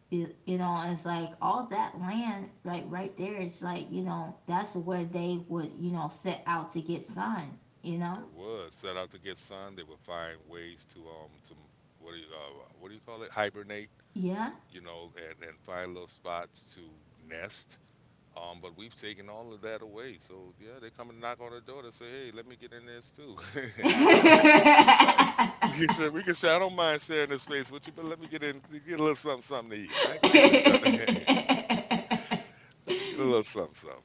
A: you, you know, it's like all that land right right there. It's like, you know, that's where they would, you know, set out to get sun, you know.
B: They would set out to get sun. They would find ways to um to m- what do you uh, what do you call it? Hibernate.
A: Yeah.
B: You know, and and find little spots to nest. Um, but we've taken all of that away. So yeah, they come and knock on the door to say, "Hey, let me get in this too." *laughs* you know,
A: *laughs*
B: *laughs* we can say we can say, "I don't mind sharing this space with you, but let me get in, get a little something, something to eat. I ain't gonna eat you, child." *laughs* Get a little something something.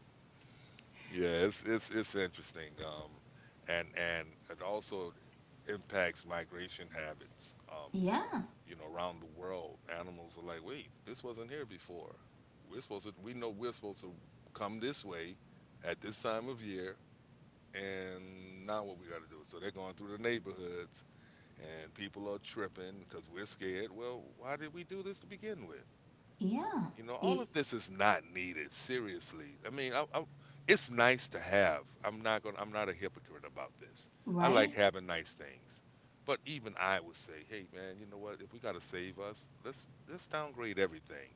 B: Yeah, it's it's it's interesting, um, and and it also impacts migration habits. Um,
A: Yeah.
B: you know, around the world, animals are like, wait, this wasn't here before. We're supposed to, we know we're supposed to come this way at this time of year, and now what we got to do. So they're going through the neighborhoods, and people are tripping because we're scared. Well, why did we do this to begin with?
A: Yeah.
B: You know, all
A: You,
B: of this is not needed. Seriously, I mean, I, I, it's nice to have. I'm not going. to I'm not a hypocrite about this. I like
A: right,
B: having nice things, but even I would say, hey, man, you know what? If we got to save us, let's let's downgrade everything.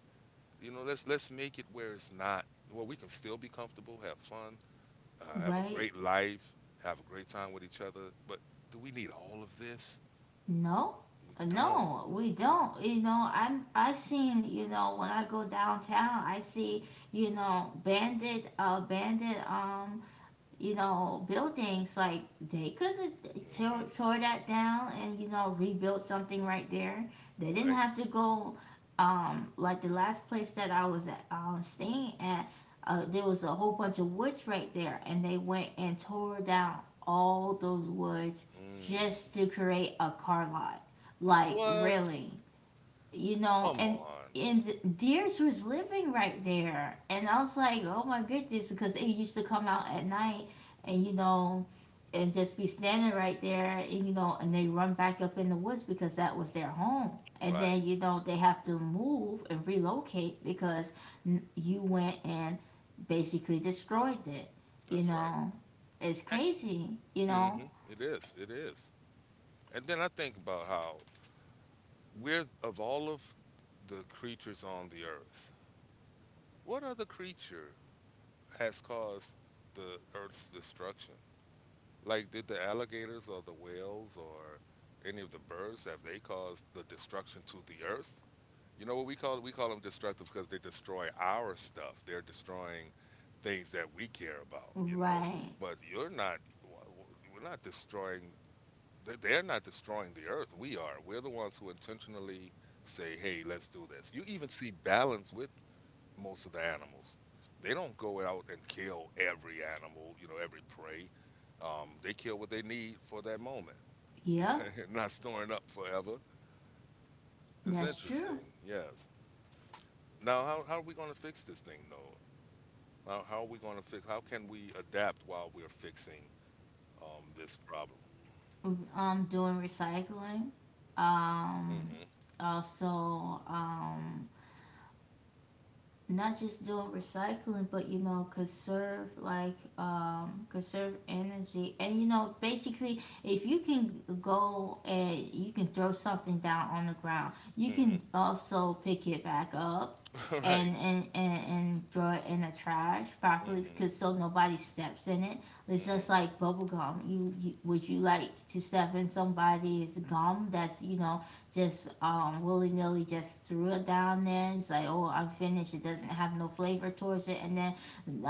B: You know, let's let's make it where it's not. Well, we can still be comfortable, have fun, uh, have a
A: right.
B: great life, have a great time with each other. But do we need all of this?
A: No,
B: We don't.
A: no, we don't, you know. I'm i seen, you know, when I go downtown, I see, you know, bandit uh bandit um you know, buildings, like they could have
B: Hmm.
A: tore, tore that down and, you know, rebuilt something right there. They didn't
B: Right.
A: have to go, um, like the last place that I was at, um, staying at, uh, there was a whole bunch of woods right there, and they went and tore down all those woods
B: Mm.
A: just to create a car lot. Like,
B: What?
A: really? You know,
B: Come
A: and
B: on.
A: and the deers was living right there, and I was like, oh my goodness, because they used to come out at night, and you know, and just be standing right there, and, you know, and they run back up in the woods because that was their home, and
B: Right.
A: then, you know, they have to move and relocate because n- you went and basically destroyed it, you
B: That's right.
A: know, it's crazy, you know,
B: Mm-hmm. It is. It is. And then I think about how we're of all of the creatures on the earth, what other creature has caused the earth's destruction? Like, did the alligators or the whales or any of the birds have they caused the destruction to the earth? You know what we call we call them destructive because they destroy our stuff. They're destroying things that we care about. You know,
A: right?
B: but you're not. W- w- We're not destroying They- They're not destroying the earth. We are. We're the ones who intentionally say, hey, let's do this. You even see balance with most of the animals. They don't go out and kill every animal, you know, every prey. Um, they kill what they need for that moment,
A: Yep,
B: *laughs* not storing up forever. It's
A: that's true.
B: interesting, yes. Now, how, how are we going to fix this thing, though? How, how are we going to fix? How can we adapt while we're fixing um, this problem?
A: Um doing recycling, um
B: mm
A: also, um not just doing recycling, but, you know, conserve like, um, conserve energy, and, you know, basically, if you can go and you can throw something down on the ground, you
B: hmm mm
A: can
B: hmm
A: also pick it back up
B: *laughs* Right.
A: and and and, and throw it in the trash
B: mm
A: properly,
B: hmm
A: cause so nobody steps in it. It's
B: mm hmm
A: just like bubble gum. You, you would, you like to step in somebody's gum that's, you know, just um willy nilly just threw it down there. It's like, oh, I'm finished. It doesn't have no flavor towards it, and then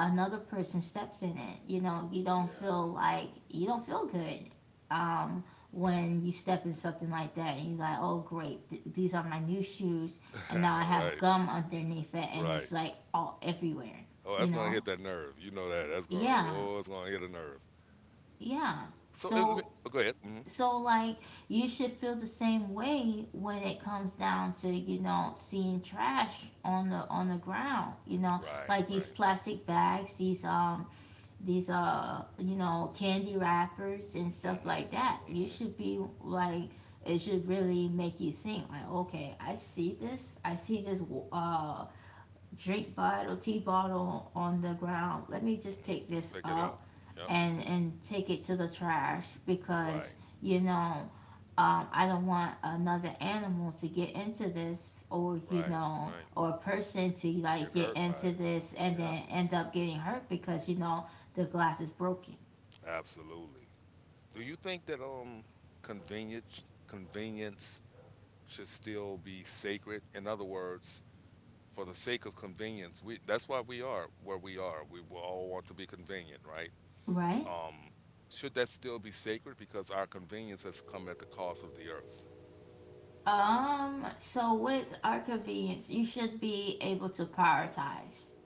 A: another person steps in it. You know, you don't
B: Yeah.
A: feel like you don't feel good. Um, when you step in something like that and you're like, oh, great, th- these are my new shoes, and now I
B: *laughs*
A: have
B: Right,
A: gum underneath it, and
B: right.
A: it's like all everywhere,
B: Oh,
A: you
B: that's gonna
A: know?
B: hit that nerve. You know that. That's gonna.
A: Yeah,
B: Oh, it's gonna hit a nerve.
A: yeah.
B: So it, let me-
A: So
B: oh, go ahead. Hmm.
A: So like you should feel the same way when it comes down to, you know, seeing trash on the on the ground, you know,
B: Right,
A: like these
B: right.
A: plastic bags, these um these uh you know, candy wrappers and stuff
B: Mm-hmm.
A: like that, you
B: Mm-hmm.
A: should be like, it should really make you think like, okay, I see this I see this, uh drink bottle, tea bottle on the ground, let me just
B: Mm-hmm.
A: pick
B: Just
A: this
B: pick it up.
A: up
B: Yep.
A: and and take it to the trash because,
B: Right,
A: you know, um, I don't want another animal to get into this, or you
B: right,
A: know,
B: right.
A: or a person to
B: To get
A: like get
B: hurt by
A: into
B: it.
A: this and
B: Yeah,
A: then end up getting hurt because, you know, the glass is broken,
B: absolutely. Do you think that um convenience convenience should still be sacred? In other words, for the sake of convenience, we that's why we are where we are. We will all want to be convenient, right?
A: right.
B: Um, should that still be sacred? Because our convenience has come at the cost of the earth.
A: Um so with our convenience, you should be able to prioritize.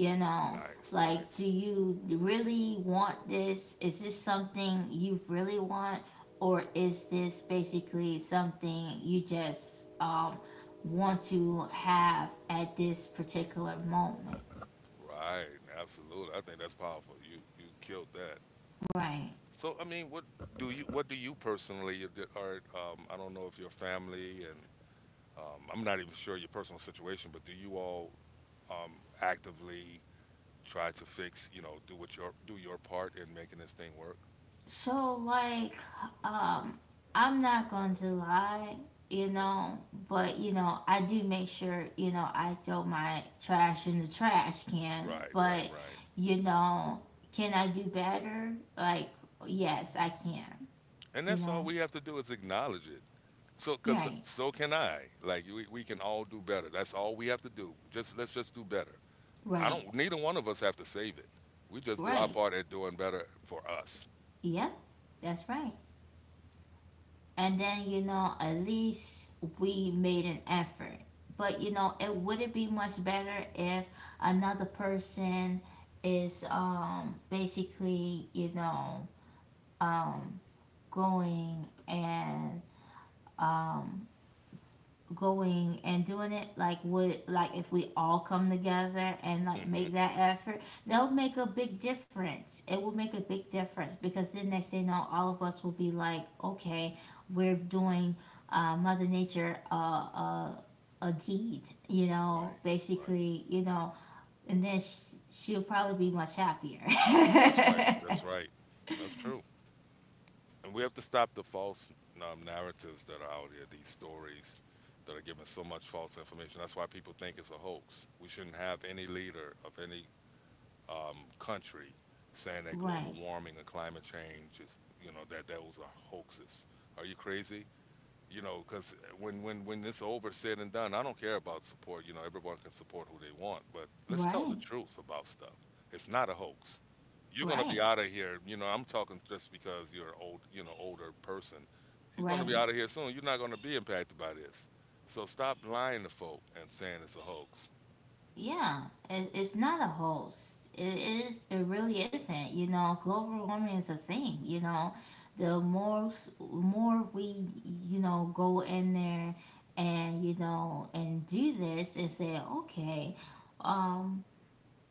A: You know,
B: Nice,
A: like,
B: nice.
A: do you really want this? Is this something you really want? Or is this basically something you just um, want to have at this particular moment?
B: Right, absolutely. I think that's powerful. You you killed that.
A: Right.
B: So I mean, what do you what do you personally you did- or um, I don't know if your family and um, I'm not even sure your personal situation, but do you all um, actively try to fix you know do what your do your part in making this thing work?
A: So like, um I'm not going to lie, you know, but, you know, I do make sure, you know, I throw my trash in the trash can,
B: Right, right,
A: but,
B: right.
A: you know, can I do better? Like, yes, I can,
B: And
A: you
B: that's all
A: know.
B: we have to do is acknowledge it. So, cause
A: Right.
B: so can I. Like we, we can all do better. That's all we have to do. Just let's just do better. I
A: Right.
B: don't. Neither one of us have to save it. We just do our
A: Right.
B: part at doing better for us.
A: Yep. That's right. And then, you know, at least we made an effort, but, you know, it would not be much better if another person is um basically, you know, um going and um going and doing it. Like, would, like if we all come together and like
B: Hmm.
A: make that effort, that would make a big difference. It would make a big difference because then next thing you know, all of us will be like, okay, we're doing, uh, mother nature uh, uh, a deed, you know,
B: Right. Right.
A: basically, you know. And then sh- she'll probably be much happier.
B: That's right.
A: *laughs*
B: That's right. That's true. And we have to stop the false um, narratives that are out here. These stories that are giving so much false information. That's why people think it's a hoax. We shouldn't have any leader of any um, country saying that global
A: Right,
B: warming and climate change is, you know, that that was a hoaxes. Are you crazy? You know, because when when when it's over, said and done, I don't care about support. You know, everyone can support who they want, but let's tell the
A: right,
B: truth about stuff. It's not a hoax. You're gonna
A: right,
B: be out of here. You know, I'm talking just because you're old, you know, older person. You're gonna be
A: right.
B: out of here soon. You're not gonna be impacted by this. So stop lying to folk and saying it's a hoax.
A: Yeah, it, it's not a hoax. It is. It really isn't. You know, global warming is a thing. You know, the more s- more we, you know, go in there and, you know, and do this and say, okay, um,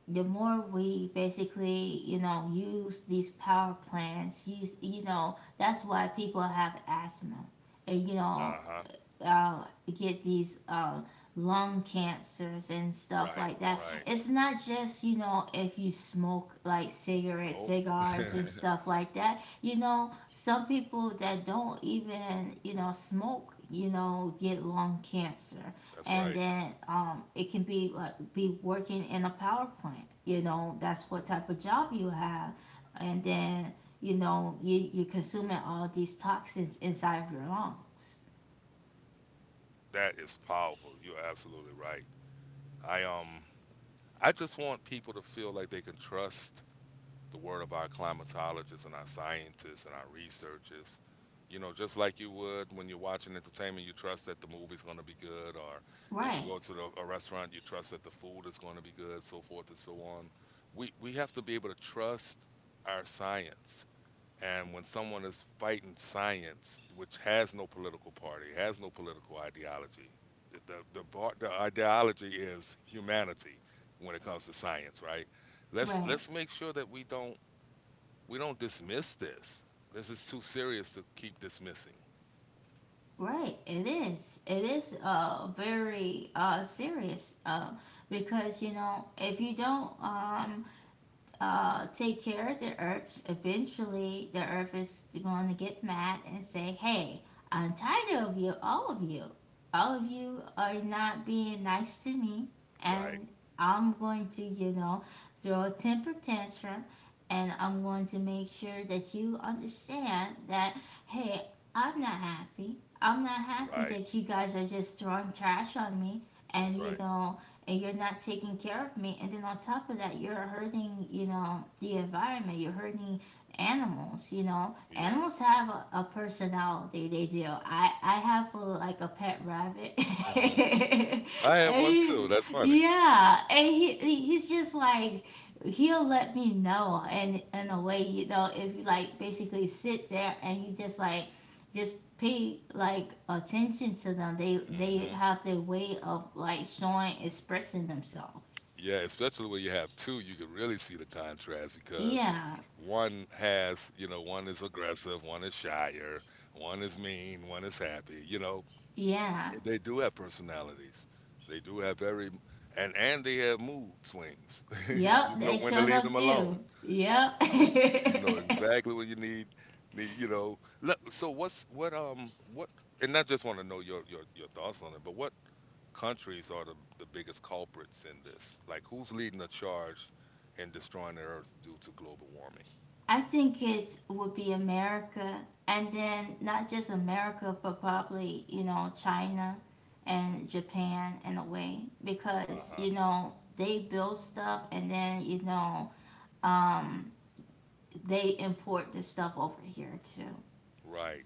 A: the more we basically, you know, use these power plants. Use, you know, that's why people have asthma. And, you know,
B: Uh huh.
A: uh, get these uh, lung cancers and stuff
B: Right.
A: like that.
B: Right.
A: It's not just, you know, if you smoke like cigarettes,
B: No.
A: cigars, and
B: *laughs*
A: stuff like that. You know, some people that don't even, you know, smoke, you know, get lung cancer.
B: That's
A: And
B: right.
A: then, um, it can be like be working in a power plant. You know, that's what type of job you have. And then, you know, you, you're consuming all these toxins inside of your lungs.
B: That is powerful. You're absolutely right. I um I just want people to feel like they can trust the word of our climatologists and our scientists and our researchers. You know, just like you would when you're watching entertainment, you trust that the movie's going to be good, or if you
A: Right.
B: go to the, a restaurant, you trust that the food is going to be good, so forth and so on. We we have to be able to trust our science. And when someone is fighting science, which has no political party, has no political ideology, the, the, bar, the ideology is humanity when it comes to science, right? Let's,
A: Right,
B: let's make sure that we don't, we don't dismiss this. This is too serious to keep dismissing.
A: right. It is. It is, uh very uh serious, uh because, you know, if you don't, um uh, take care of the earth, eventually the earth is going to get mad and say, hey, I'm tired of you, all of you. All of you are not being nice to me,
B: Right,
A: and I'm going to, you know, throw a temper tantrum, and I'm going to make sure that you understand that, hey, I'm not happy. I'm not happy
B: right.
A: that you guys are just throwing trash on me,
B: That's
A: and, you
B: right.
A: know, and you're not taking care of me, and then on top of that, you're hurting, you know, the environment, you're hurting animals. You know,
B: Yeah.
A: animals have a, a personality, they do. I i have a, like a pet rabbit.
B: Hmm. I
A: *laughs*
B: had one too.
A: And
B: That's funny.
A: yeah, and he he's just like, he'll let me know, and in a way, you know, if you like basically sit there and you just like just pay like attention to them. They they
B: Hmm.
A: have their way of like showing expressing themselves.
B: Yeah, especially when you have two, you can really see the contrast because
A: Yeah,
B: one has, you know, one is aggressive, one is shyer, one is mean, one is happy. You know,
A: yeah,
B: they do have personalities. They do have very, and and they have mood swings. *laughs* You
A: yep.
B: know
A: They
B: when to
A: showed
B: leave
A: up
B: them alone.
A: too. Yep.
B: You know
A: *laughs*
B: exactly what you need. Need you know. Look, So what's what um what? And I just want to know your your your thoughts on it. But what countries are the, the biggest culprits in this. Like, who's leading the charge in destroying the Earth due to global warming?
A: I think it would be America, and then not just America, but probably, you know, China and Japan in a way,
B: Uh
A: because,
B: huh.
A: you know, they build stuff, and then, you know, um, they import the stuff over here too.
B: Right.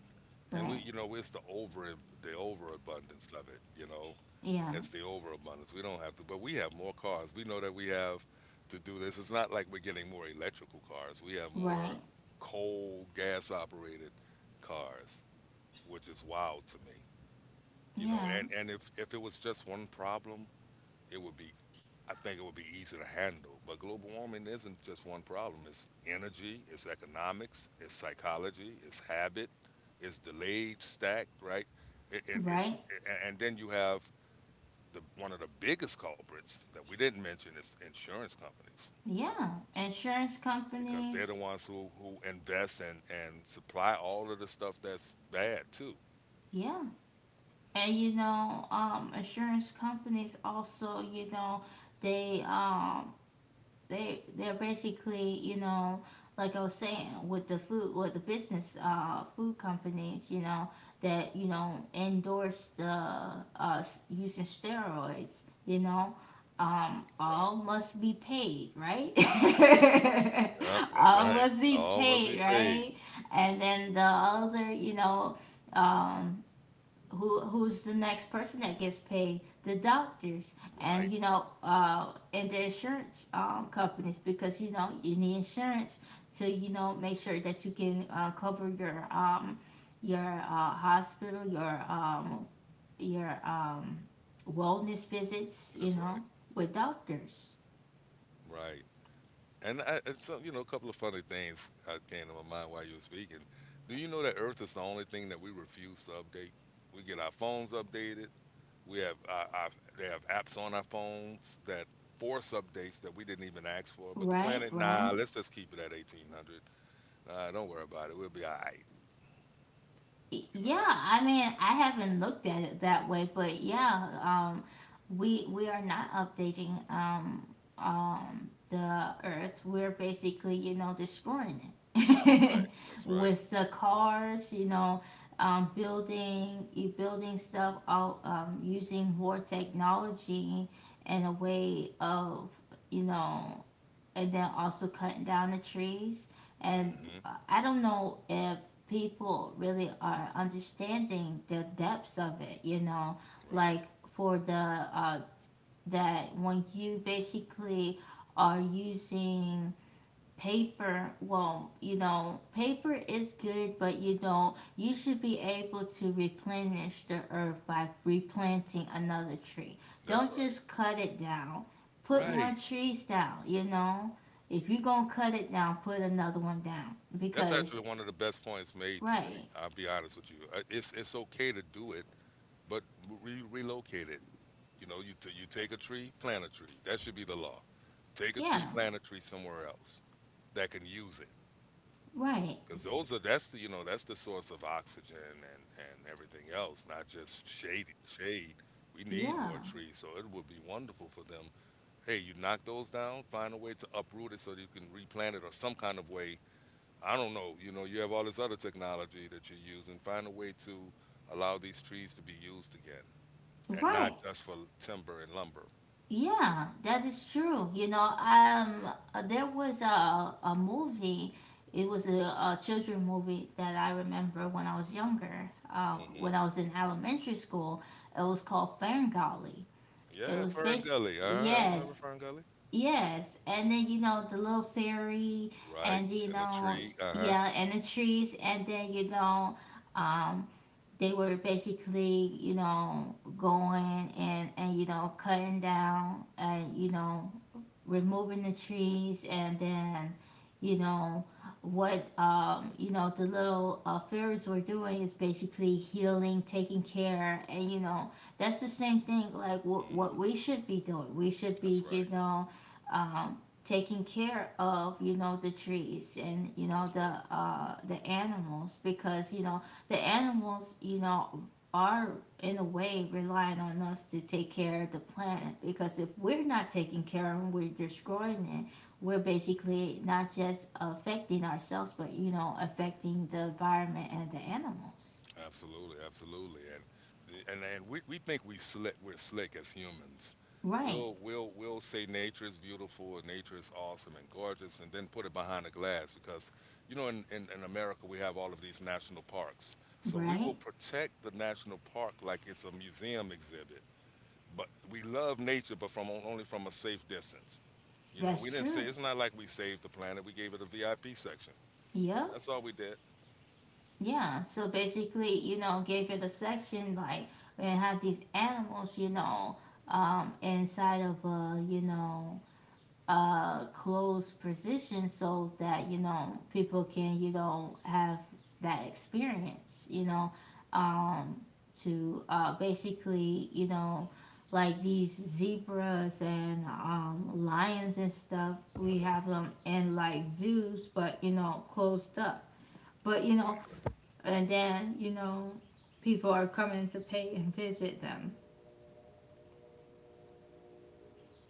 B: And we,
A: Right.
B: you know, it's the over the overabundance of it. You know,
A: Yeah,
B: it's the overabundance. We don't have to, but we have more cars. We know that we have to do this. It's not like we're getting more electrical cars. We have more
A: right.
B: coal, gas operated cars, which is wild to me. You know,
A: Yeah,
B: and and if if it was just one problem, it would be I think it would be easy to handle. But global warming isn't just one problem. It's energy, it's economics, it's psychology, it's habit, it's delayed, stacked, right? And and
A: right.
B: and, and then you have the one of the biggest culprits that we didn't mention is insurance companies
A: Yeah, insurance
B: because they're the
A: companies.
B: ones who who invest and and supply all of the stuff that's bad too.
A: Yeah, and, you know, um, insurance companies also, you know, they um they they're basically, you know, like I was saying with the food with the business, uh food companies, you know, that, you know, endorse the, uh using steroids, you know, um
B: Right.
A: all must be paid, right. *laughs*
B: Yeah, that's
A: All
B: right.
A: must be
B: All must be
A: paid,
B: paid.
A: right. And then the other, you know, um who who's the next person that gets paid? The doctors,
B: Right.
A: and you know, uh and the insurance, um companies, because, you know, you need insurance to, you know, make sure that you can, uh, cover your um your, uh, hospital, your um your um wellness visits, you
B: That's right.
A: know, with doctors,
B: Right. And I, and so you know, a couple of funny things uh, came to my mind while you were speaking. Do you know that Earth is the only thing that we refuse to update? We get our phones updated. We have our, our, they have apps on our phones that force updates that we didn't even ask for. But the
A: right,
B: planet, nah,
A: right.
B: let's just keep it at eighteen hundred. Uh, don't worry about it. We'll be all right. You
A: Yeah,
B: know,
A: I mean, I haven't looked at it that way, but yeah, um, we we are not updating, um, um, the Earth. We're basically, you know, destroying
B: that's
A: it
B: right.
A: *laughs*
B: That's right.
A: with the cars, you know, um, building you building stuff out, um, using more technology and a way of, you know, and then also cutting down the trees. And
B: mm hmm
A: uh, I don't know if people really are understanding the depths of it, you know,
B: Right.
A: like for the, uh, that when you basically are using paper. Won't You know, paper is good, but you don't, you should be able to replenish the earth by replanting another tree.
B: That's
A: Don't
B: right.
A: just cut it down, put more
B: Right.
A: trees down, you know, if you're gonna cut it down, put another one down,
B: That's
A: because
B: actually one of the best points made today.
A: right,
B: I'll be honest with you. Uh, It's it's okay to do it but re- relocate it. You know, you t- you take a tree, plant a tree. That should be the law. Take a tree,
A: yeah,
B: plant a tree somewhere else that can use it,
A: right,
B: because those are that's the you know that's the source of oxygen and and everything else, not just shade shade. We need more
A: yeah,
B: trees, so it would be wonderful for them. Hey, you knock those down, find a way to uproot it so that you can replant it, or some kind of way. I don't know. You know, you have all this other technology that you're using. Find a way to allow these trees to be used again and not
A: right.
B: just for timber and lumber.
A: Yeah, that is true. You know, um, uh, there was a a movie. It was a, a children movie that I remember when I was younger. Uh,
B: Hmm.
A: when I was in elementary school, it was called Ferngully. It
B: Yeah,
A: was
B: Fern
A: basically
B: Gully. Uh, I remember
A: yes,
B: Fern Gully.
A: yes, and then you know the little fairy,
B: Right,
A: and you
B: and the
A: know
B: tree. Uh huh.
A: yeah, and the trees, and then you know, um, they were basically you know going and and you know cutting down and you know removing the trees and then you know what um you know the little uh, fairies were doing is basically healing, taking care, and you know that's the same thing. Like what what
B: Hmm.
A: we should be doing, we should
B: That's
A: be, you
B: right.
A: know um taking care of, you know the trees and, you know
B: That's
A: the
B: right.
A: uh the animals, because you know the animals, you know are in a way relying on us to take care of the planet, because if we're not taking care of it, we're destroying it. We're basically not just affecting ourselves, but, you know, affecting the environment and the animals.
B: Absolutely, absolutely. And and and we, we think we slick. We're slick as humans.
A: Right,
B: We'll we'll we'll say nature is beautiful and nature is awesome and gorgeous, and then put it behind the glass because you know in, in, in America we have all of these national parks. So we will
A: right.
B: protect the national park like it's a museum exhibit, but we love nature, but from only from a safe distance. You know,
A: That's
B: we didn't say
A: true.
B: it's not like we saved the planet. We gave it a V I P section.
A: Yep.
B: That's all we did.
A: Yeah. So basically, you know, gave it a section like, and have these animals, you know, um, inside of a, you know, uh closed position, so that you know people can, you know have that experience you know um to uh basically, you know like these zebras and um lions and stuff. We have them in like zoos, but you know closed up. But you know and then you know people are coming to pay and visit them.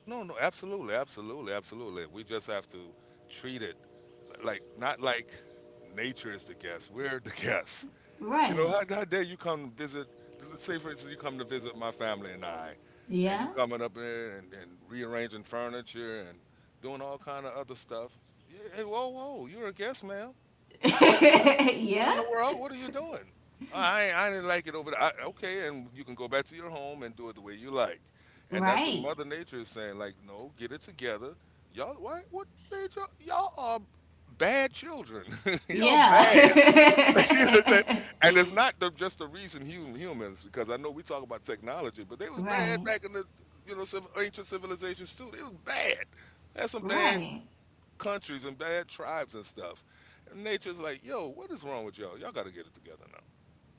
B: No, no, absolutely, absolutely, absolutely. We just have to treat it like, not like nature is the guest. We're the *laughs* guests. You know,
A: Right.
B: how, how dare you come visit? Let's say, for instance, you come to visit my family and I, and you
A: Yeah.
B: coming up there and, and rearranging furniture and doing all kind of other stuff. Yeah, hey, whoa, whoa, you're a guest, ma'am. What
A: *laughs* yeah.
B: in the world? What are you doing? I I didn't like it over there. I, okay, and you can go back to your home and do it the way you like.
A: *laughs*
B: And that's what
A: right.
B: Mother Nature is saying. Like, no, get it together, y'all. Why? What nature? Y'all are bad children. *laughs* Y'all
A: Yeah.
B: bad. *laughs* You know what I'm saying? And it's not the, just the reason hum, humans, because I know we talk about technology, but they
A: *laughs*
B: was bad
A: right.
B: back in the you know civil, ancient civilizations too. They was bad. That's some bad
A: Right.
B: countries and bad tribes and stuff. And nature's like, yo, what is wrong with y'all? Y'all got to get it together now.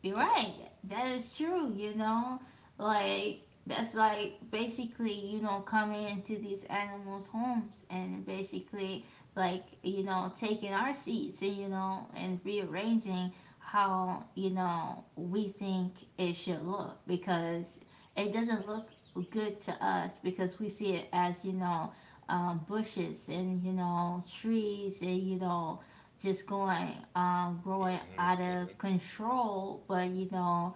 A: You're
B: Come on.
A: right. That is true, you know? Like, that's like basically, you know, coming into these animals' homes and basically, like, you know, taking our seats and, you know, and rearranging how, you know, we think it should look, because it doesn't look good to us, because we see it as, you know, um, bushes and, you know, trees and, you know, just going um growing
B: Hmm.
A: out
B: Hmm.
A: of control. But you know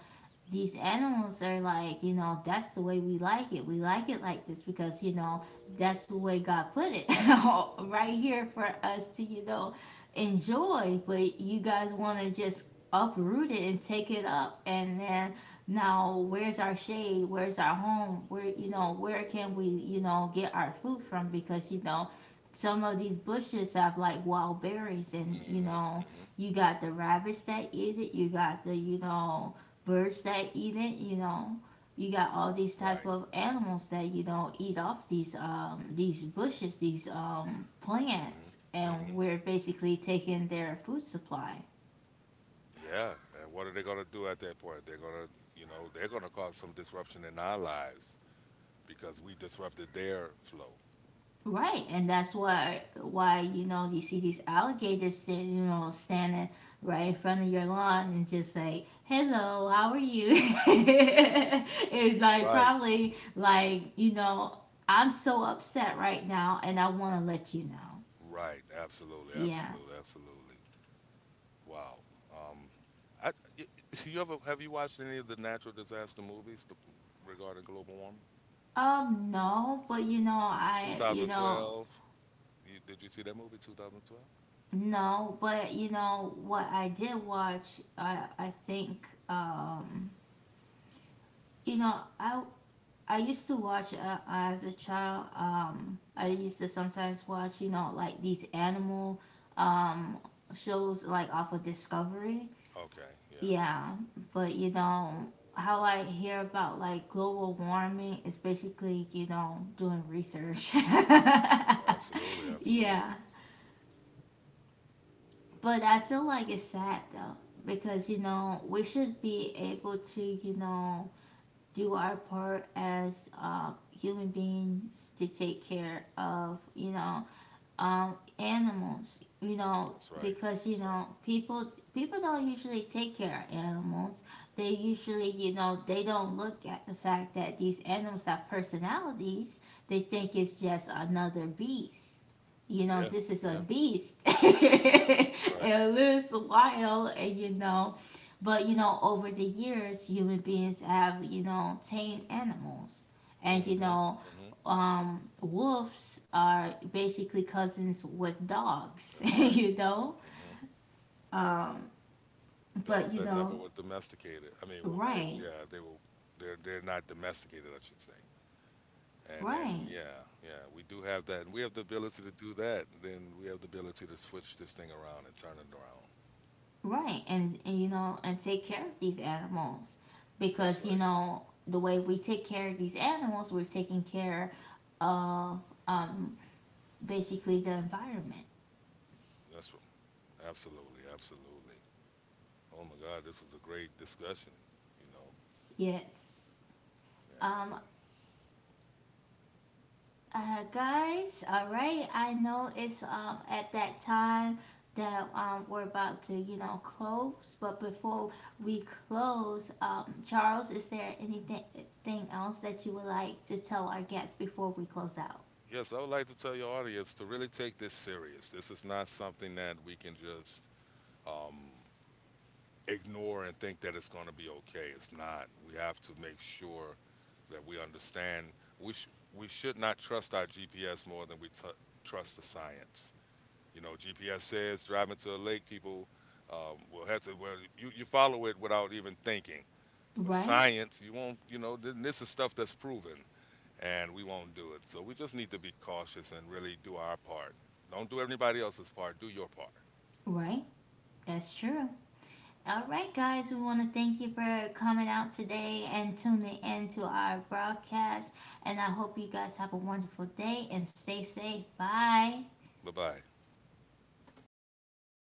A: these animals are like, you know, that's the way we like it. We like it like this, because, you know, that's the way God put it *laughs* right here for us to, you know, enjoy. But you guys want to just uproot it and take it up. And then now, where's our shade? Where's our home? Where, you know, where can we, you know, get our food from? Because, you know, some of these bushes have like wild berries, and, you
B: Hmm.
A: know,
B: Hmm.
A: you got the rabbits that eat it. You got the, you know, birds that eat it you know You got all these type
B: Right.
A: of animals that you know eat off these um these bushes, these um
B: Hmm.
A: plants, and
B: Hmm.
A: we're basically taking their food supply.
B: Yeah. And what are they going to do at that point? They're going to, you know, they're going to cause some disruption in our lives because we disrupted their flow.
A: Right, and that's why why you know you see these alligators that, you know standing right in front of your lawn and just say hello, how are you? *laughs* And like
B: Right.
A: probably like, you know, I'm so upset right now and I want to let you know.
B: Right. Absolutely.
A: Yeah.
B: Absolutely. Absolutely. Wow. Um, I, y- *laughs* you ever have you watched any of the natural disaster movies to, regarding global warming?
A: Um, no, but you know, I, you know,
B: two thousand twelve. You, did you see that movie, two thousand twelve?
A: no, but you know, what I did watch, I, I think, um, you know, I, I used to watch uh, as a child. Um, I used to sometimes watch, you know, like these animal, um, shows like off of Discovery.
B: Okay, yeah,
A: Yeah, but you know, how I hear about like global warming is basically, you know, doing research. *laughs*
B: absolutely, absolutely.
A: Yeah. But I feel like it's sad though, because you know we should be able to you know do our part as uh, human beings to take care of, you know um, animals. You know,
B: That's right.
A: because you
B: That's
A: know
B: right.
A: people people don't usually take care of animals. They usually, you know, they don't look at the fact that these animals have personalities. They think it's just another beast. You know,
B: Yeah,
A: this is a
B: yeah,
A: beast. *laughs*
B: that's right.
A: It lives wild, and you know, but you know, over the years, human beings have you know tamed animals, and
B: Hmm.
A: you know
B: Hmm.
A: um, wolves are basically cousins with dogs, *laughs*
B: That's right.
A: you know.
B: Hmm.
A: Um, but
B: Dogs
A: you
B: that never
A: know,
B: were domesticated. I mean, w- they
A: right,
B: yeah they were, they're they're not domesticated, I should say. And and
A: right,
B: yeah, yeah, we do have that, and we have the ability to do that. Then we have the ability to switch this thing around and turn it around.
A: right, and, and you know, and take care of these animals,
B: That's
A: because you
B: right.
A: know the way we take care of these animals, we're taking care of, um, basically the environment.
B: That's r- absolutely, absolutely. Oh my God, this is a great discussion. You know,
A: Yes.
B: yeah,
A: Um,
B: we,
A: Uh, guys, all right. I know it's um at that time that um we're about to, you know close, but before we close, um Charles, is there anything thing else that you would like to tell our guests before we close out?
B: yes, I would like to tell your audience to really take this serious. This is not something that we can just um, ignore and think that it's going to be okay. It's not. We have to make sure that we understand. We sh- we should not trust our G P S more than we t- trust the science. You know, G P S says driving to a lake, people um, will have to. Well, you you follow it without even thinking. But
A: Right,
B: science, you won't. You know, th- this is stuff that's proven and we won't do it. So we just need to be cautious and really do our part. Don't do anybody else's part, do your part.
A: right. That's true. All right, guys, we want to thank you for coming out today and tuning in to our broadcast. And I hope you guys have a wonderful day and stay safe. Bye.
B: Bye bye.